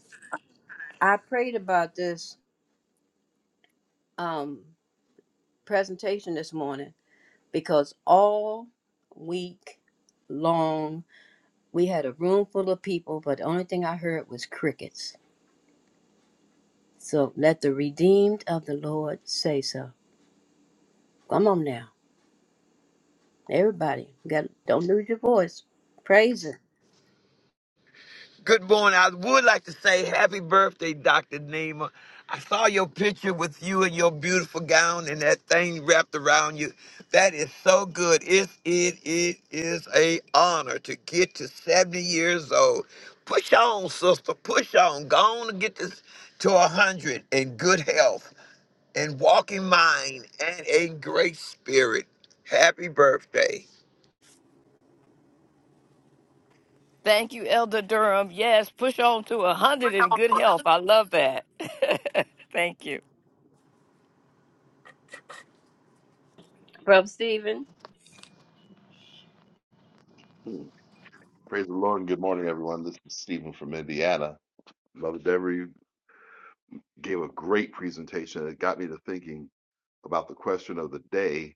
I prayed about this um presentation this morning because all week long we had a room full of people, but the only thing I heard was crickets. So let the redeemed of the Lord say so. Come on now, everybody, you got don't lose your voice. Praise Him, Good morning. I would like to say happy birthday, Dr. Nima. I saw your picture with you and your beautiful gown and that thing wrapped around you. That is so good. It, it, it is a honor to get to 70 years old. Push on, sister. Push on. Go on and get this to 100 in good health and walking mind and a great spirit. Happy birthday. Thank you, Elder Durham. Yes, push on to a 100 in good health. I love that. Thank you. Brother Stephen. Mm. Praise the Lord and good morning, everyone. This is Stephen from Indiana. Mother Dever, you gave a great presentation. It got me to thinking about the question of the day.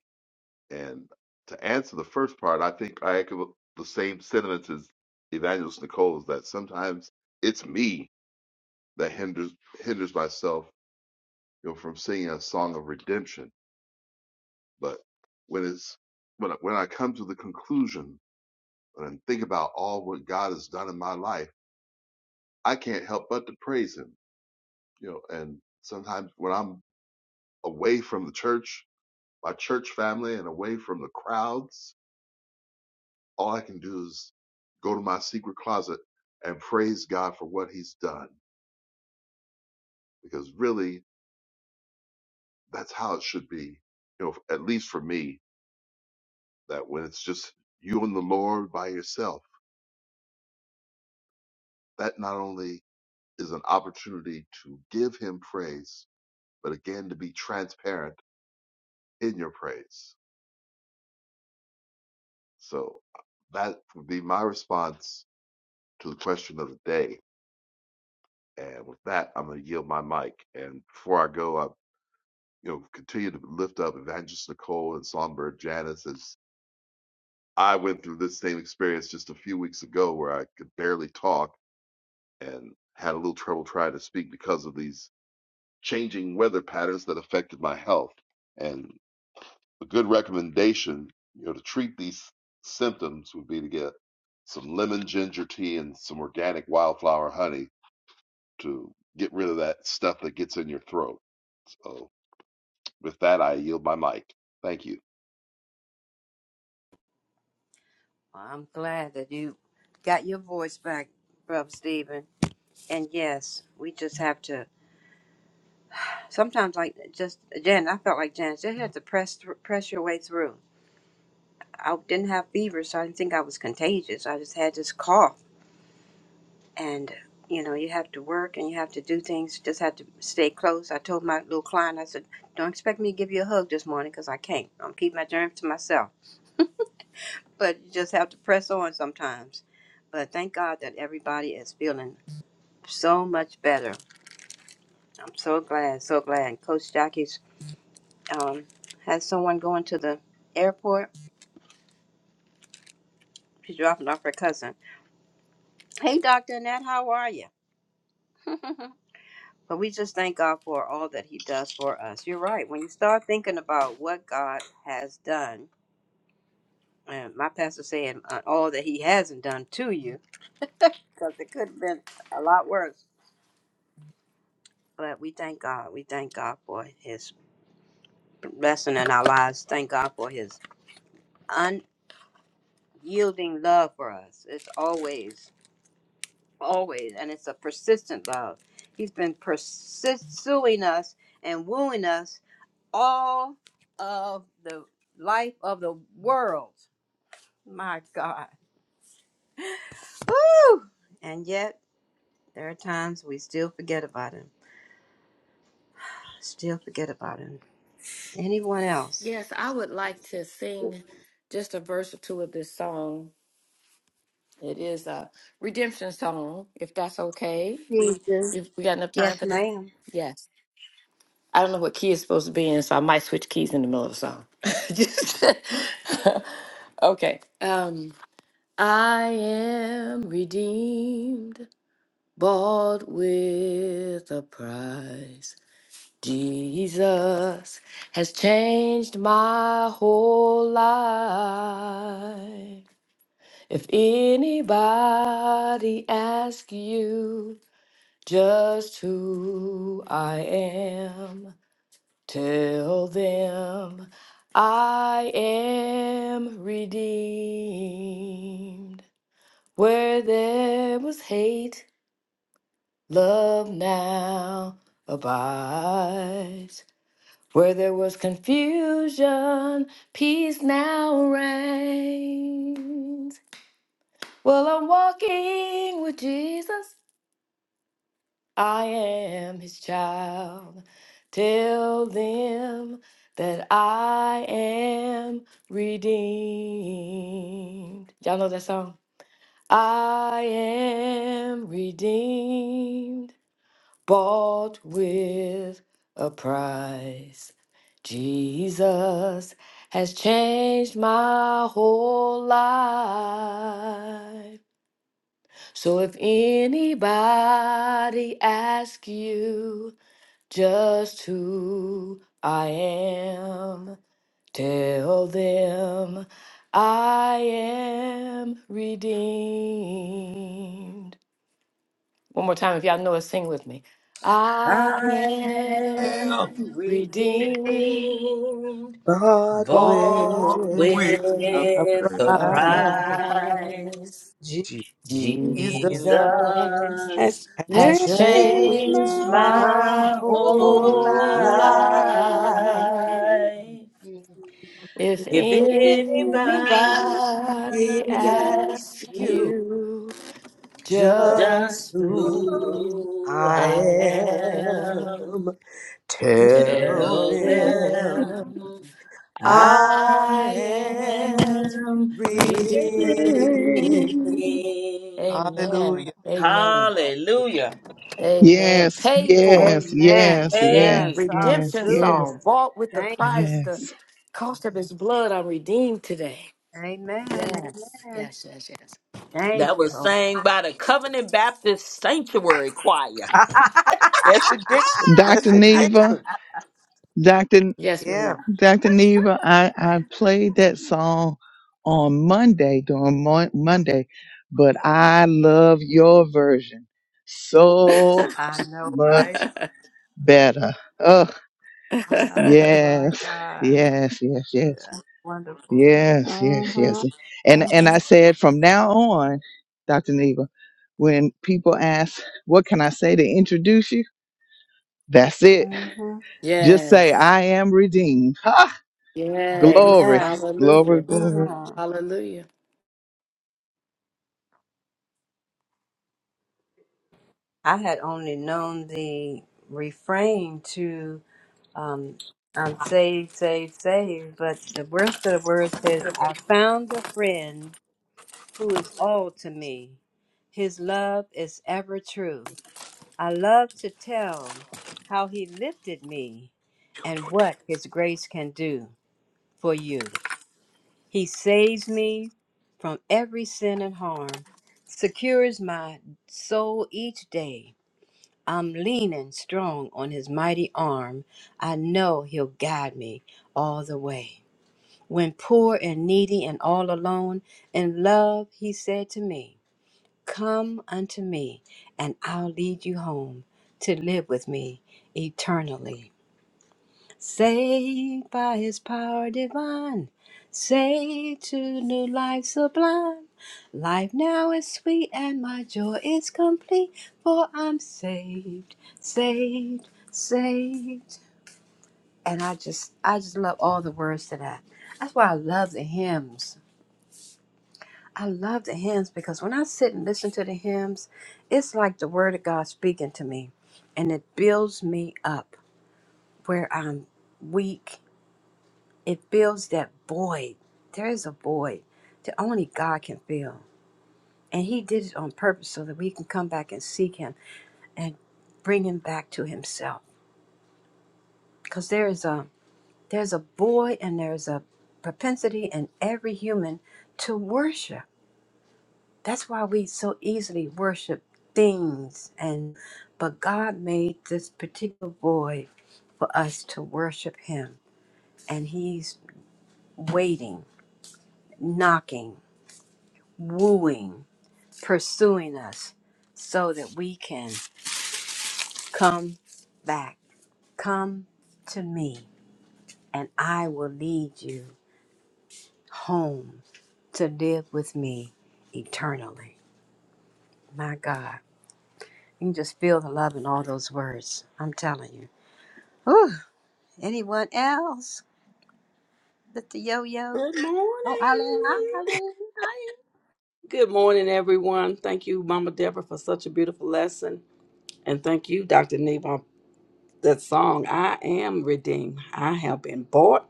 And to answer the first part, I think I echo the same sentiments as Evangelist Nicole's that sometimes it's me that hinders hinders myself you know, from singing a song of redemption. But when it's when I, when I come to the conclusion and think about all what God has done in my life, I can't help but to praise Him you know, and sometimes when I'm away from the church, my church family, and away from the crowds, all I can do is go to my secret closet and praise God for what He's done. Because really, that's how it should be, you know, at least for me, that when it's just you and the Lord by yourself, that not only is an opportunity to give Him praise, but again, to be transparent in your praise. So that would be my response to the question of the day. And with that, I'm going to yield my mic. And before I go, I you know continue to lift up Evangelist Nicole and Songbird Janice as I went through this same experience just a few weeks ago where I could barely talk and had a little trouble trying to speak because of these changing weather patterns that affected my health. And a good recommendation, you know, to treat these symptoms would be to get some lemon ginger tea and some organic wildflower honey to get rid of that stuff that gets in your throat. So with that, I yield my mic. Thank you. I'm glad that you got your voice back, Brother Stephen. And yes, we just have to Sometimes, like just Jan, I felt like Jan. Just had to press thr press your way through. I didn't have fever, so I didn't think I was contagious. I just had this cough, and you know, you have to work and you have to do things. You just have to stay close. I told my little client, I said, "Don't expect me to give you a hug this morning because I can't. I'm keeping my germs to myself." But you just have to press on sometimes. But thank God that everybody is feeling so much better. I'm so glad, so glad. Coach Jackie's um, has someone going to the airport She's dropping off her cousin. Hey, Dr. Annette, how are you? but we just thank God for all that He does for us. You're right. When you start thinking about what God has done, and my pastor saying uh, all that He hasn't done to you, because it could have been a lot worse. But we thank God. We thank God for His blessing in our lives. Thank God for His unyielding love for us. It's always always, and it's a persistent love. He's been pursuing us and wooing us all of the life of the world. My God. Woo! And yet, there are times we still forget about him. Still forget about him. Anyone else? Yes, I would like to sing just a verse or two of this song. It is a redemption song, if that's okay. We Jesus. if we got enough time Yes, for that. ma'am. Yes. I don't know what key it's supposed to be in, so I might switch keys in the middle of the song. Just okay. Um, I am redeemed, bought with a price. Jesus has changed my whole life. If anybody asks you just who I am, tell them I am redeemed. Where there was hate, love now abides. Where there was confusion, peace now reigns. Well, I'm walking with Jesus, I am his child. Tell them that I am redeemed. Y'all know that song? I am redeemed. bought with a price. Jesus has changed my whole life. So if anybody asks you just who I am, tell them I am redeemed. One more time, if y'all know it, sing with me. I I am Well, am redeemed, redeemed, Birth bought bought with we- Oh, with of a a pride. price. price. Jesus Jesus, Jesus Jesus, has you has changed changed changed my my my my whole whole whole whole life life. life. life. If If anybody I be anybody at asks asks you you, you just just just who who who I I I am. am. am. Tell Tell Tell them them them I I I am am am redeemed. redeemed. redeemed. Amen. Hallelujah. Amen. Hallelujah. Amen. Yes, Paid for. yes, Amen. yes, yes, Hey, Yes. yes, Redemption yes, Hallelujah. song. Bought with the Thank you. price, the yes. cost of his blood. I'm redeemed today. Amen. Yes. Amen. Yes, yes, yes. Thank that you, was Lord. sang by the Covenant Baptist Sanctuary Choir. Jesse Dixon, Dr. Jesse Neva, Dixon. Dr. Yes, Yeah. ma'am. Dr. Neva, I, I played that song on Monday, during Mon- Monday, but I love your version so I know, much right? better. Oh, Oh my yes, God. yes, yes, yes, Wonderful. yes, yes, Mm-hmm. yes. And, and Mm-hmm. I said from now on, Dr. Neva, when people ask, what can I say to introduce you? That's it. Mm-hmm. Just say, yes. I am redeemed. Ha! Yes. Glory, Amen. glory, Hallelujah. glory. Mm-hmm. Hallelujah. I had only known the refrain to um I'm saved, saved, saved, but the rest of the word says, I found a friend who is all to me. His love is ever true. I love to tell how he lifted me and what his grace can do. for you. He saves me from every sin and harm, secures my soul each day. I'm leaning strong on his mighty arm. I know he'll guide me all the way. When poor and needy and all alone, in love, he said to me, Come unto me, and I'll lead you home to live with me eternally. Saved by his power divine, saved to new life sublime. Life now is sweet and my joy is complete, for I'm saved, saved, saved. And I just, I just love all the words to that. That's why I love the hymns. I love the hymns because when I sit and listen to the hymns, it's like the word of God speaking to me, and it builds me up where I'm weak it fills that void. There is a void that only God can fill. And He did it on purpose so that we can come back and seek Him and bring Him back to Himself. Because there is a there's a void and there's a propensity in every human to worship. That's why we so easily worship things and but God made this particular void for us to worship Him. And He's waiting, knocking, wooing pursuing us so that we can come back. Come to me, and I will lead you home to live with me eternally. My God. You can just feel the love in all those words. I'm telling you. Whew. Anyone else? Mr. Yo Yo? Good Oh, Eileen. Hi, morning. Eileen. Hi. Good morning, everyone. Thank you, Mama Deborah, for such a beautiful lesson. And thank you, Dr. Neva. That song, I am redeemed. I have been bought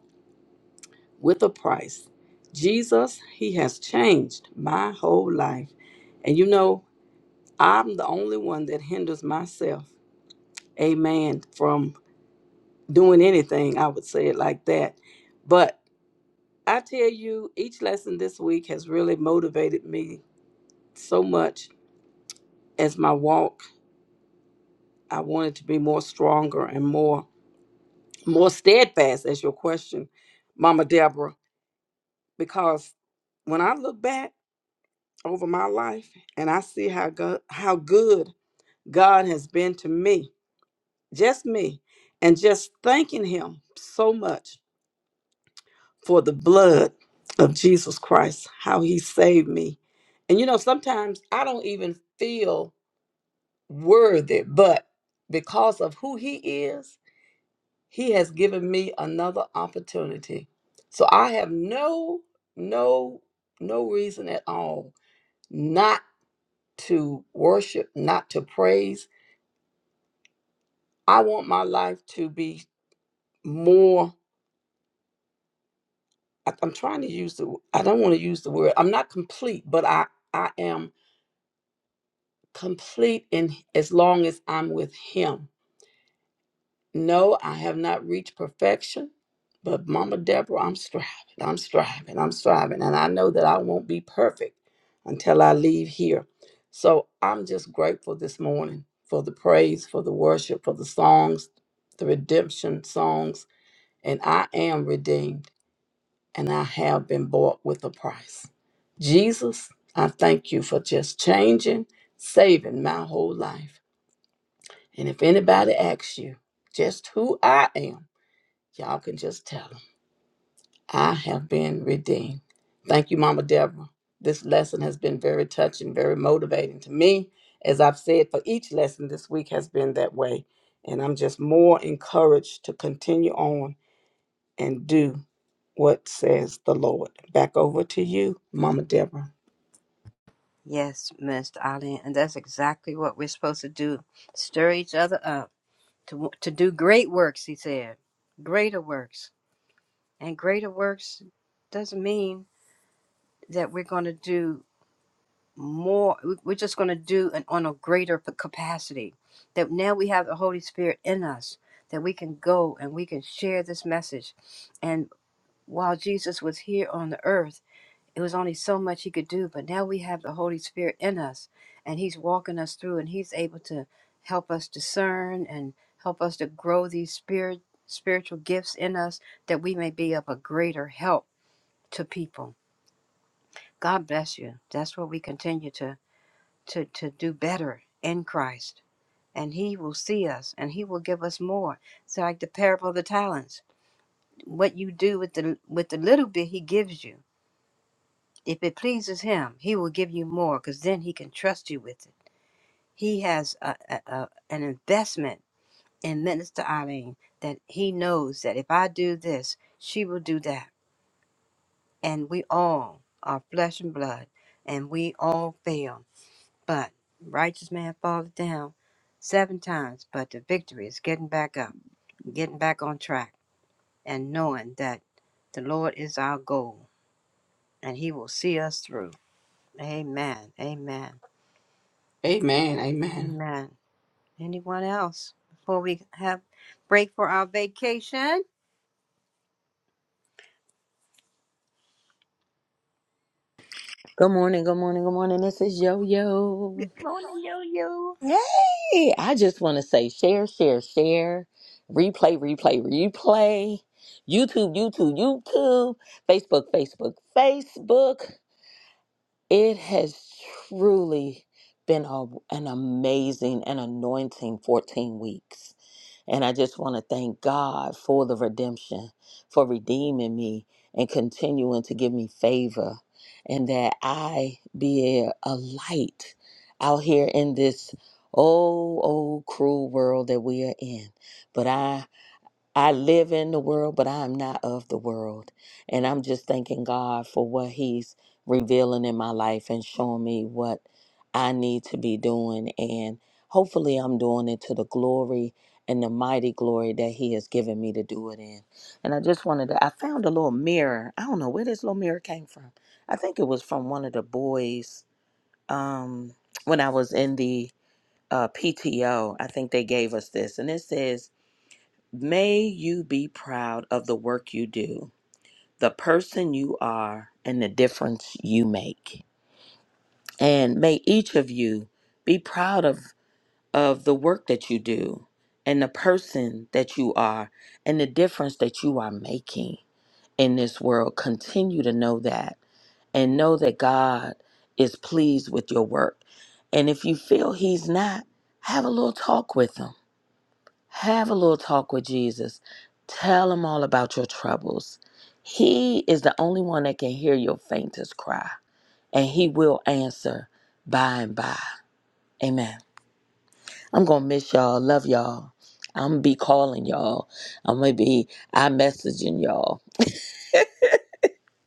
with a price. Jesus, He has changed my whole life. And you know, I'm the only one that hinders myself, amen, from doing anything. I would say it like that. But I tell you, each lesson this week has really motivated me so much as my walk. I wanted to be more stronger and more more steadfast as your question, Mama Deborah, because when I look back, over my life and I see how go- how good God has been to me, just me, and just thanking him so much for the blood of Jesus Christ, how he saved me. And you know, sometimes I don't even feel worthy, but because of who he is, he has given me another opportunity. So I have no no no reason at all not to worship, not to praise I want my life to be more. I- I'm trying to use the. I don't want to use the word. I'm not complete, but I I am complete in as long as I'm with Him. No, I have not reached perfection, but Mama Deborah, I'm striving. I'm striving. I'm striving, and I know that I won't be perfect until I leave here. So I'm just grateful this morning for the praise, for the worship, for the songs, the redemption songs, and I am redeemed. and I have been bought with a price. Jesus, I thank you for just changing, saving my whole life. And if anybody asks you just who I am, y'all can just tell them I have been redeemed. Thank you, Mama Deborah. This lesson has been very touching, very motivating to me. As I've said, for each lesson this week has been that way. And I'm just more encouraged to continue on and do what says the Lord. Back over to you, Mama Deborah. Yes, Mr. Eileen. And that's exactly what we're supposed to do stir each other up to to do great works he said greater works and greater works doesn't mean that we're going to do more we- we're just going to do an, on a greater p- capacity that now we have the holy spirit in us that we can go and we can share this message and while jesus was here on the earth it was only so much he could do but now we have the holy spirit in us and he's walking us through and he's able to help us discern and help us to grow these spirit spiritual gifts in us that we may be of a greater help to people god bless you that's what we continue to to to do better in christ and he will see us and he will give us more it's like the parable of the talents what you do with the with the little bit he gives you If it pleases him, he will give you more because then he can trust you with it. He has a, a, a, an investment in Minister Eileen that he knows that if I do this, she will do that. And we all are flesh and blood and we all fail. But righteous man falleth down seven times, but the victory is getting back up, getting back on track, and knowing that the Lord is our goal and he will see us through. Amen. Amen. Amen. Amen. Amen. Anyone else before we have break for our vacation? Good morning, good morning, good morning. This is Yo Yo. Good morning, yo yo. Hey, I just want to say share, share, share, replay, replay, replay, YouTube, YouTube, YouTube, Facebook, Facebook, Facebook. It has truly been a, an amazing and anointing 14 weeks. And I just want to thank God for the redemption, for redeeming me and continuing to give me favor, and that I be a, a light out here in this old, old cruel world that we are in. But I I live in the world, but I am not of the world. And I'm just thanking God for what He's revealing in my life and showing me what I need to be doing. And hopefully, I'm doing it to the glory and the mighty glory that He has given me to do it in. And I just wanted to, I found a little mirror. I don't know where this little mirror came from. I think it was from one of the boys um, when I was in the uh, PTO. I think they gave us this. And it says, May you be proud of the work you do, the person you are, and the difference you make. And may each of you be proud of, of the work that you do and the person that you are and the difference that you are making in this world. Continue to know that and know that God is pleased with your work. And if you feel He's not, have a little talk with Him have a little talk with Jesus. Tell him all about your troubles. He is the only one that can hear your faintest cry, and he will answer by and by. Amen. I'm going to miss y'all. Love y'all. I'm going to be calling y'all. I'm going to be I messaging y'all.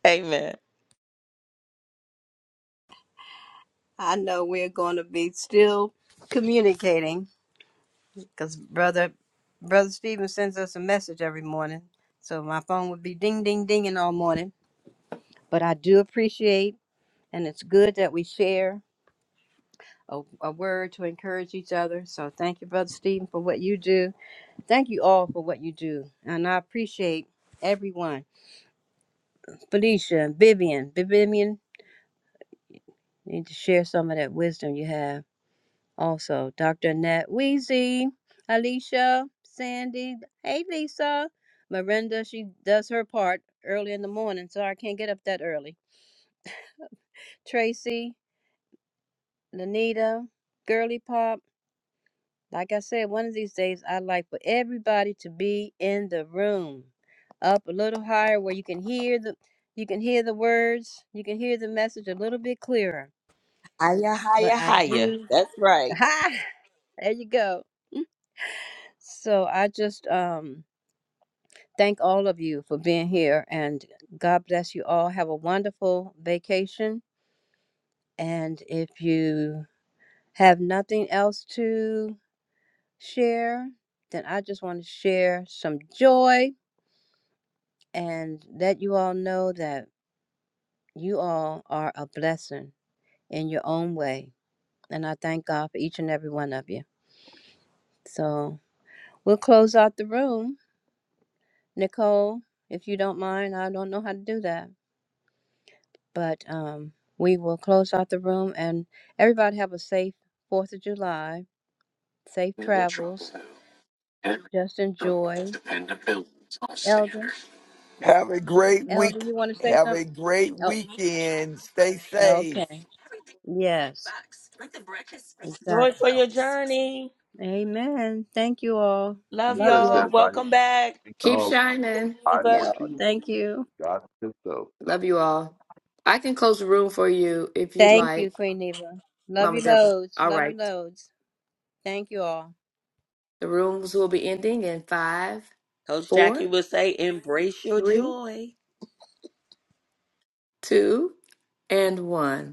Amen. I know we're going to be still communicating because brother brother Stephen sends us a message every morning, so my phone would be ding ding dinging all morning. But I do appreciate, and it's good that we share. A, a word to encourage each other. So, thank you, Brother Stephen, for what you do. Thank you all for what you do. And I appreciate everyone Felicia, Vivian, Vivian need to share some of that wisdom you have. Also, Dr. Nat Weezy, Alicia, Sandy, hey Lisa, Miranda, she does her part early in the morning, so I can't get up that early. Tracy, Lanita, Girly Pop. Like I said, one of these days I'd like for everybody to be in the room. Up a little higher where you can hear the you can hear the words, you can hear the message a little bit clearer. Hiya, But hiya, I hiya. do That's right. ha there you go. So I just um, thank all of you for being here and God bless you all. Have a wonderful vacation. And if you have nothing else to share, then I just want to share some joy and let you all know that you all are a blessing in your own way. And I thank God for each and every one of you. So we'll close out the room. Nicole, if you don't mind, I don't know how to do that. But um, we will close out the room and everybody have a safe 4th of July, safe travels, just enjoy. Elder, Have a great Elder, week. you want to say Have a something? great Oh, weekend. Stay safe. okay. Yes, Joy exactly. for your journey. Amen. Thank you all. Be Love Love blessed, you. y'all. everybody. Welcome back, Speak the Keep hope. shining. I Geneva. No, 14. thank you. God himself. Love you all. I can close the room for you if you'd Thank you, like, Queen Eva. Love Mama you Deborah. loads. All Love you right. loads. Thank you all. The rooms will be ending in five, Coach Jackie four, will say, embrace your three, joy. two, and one.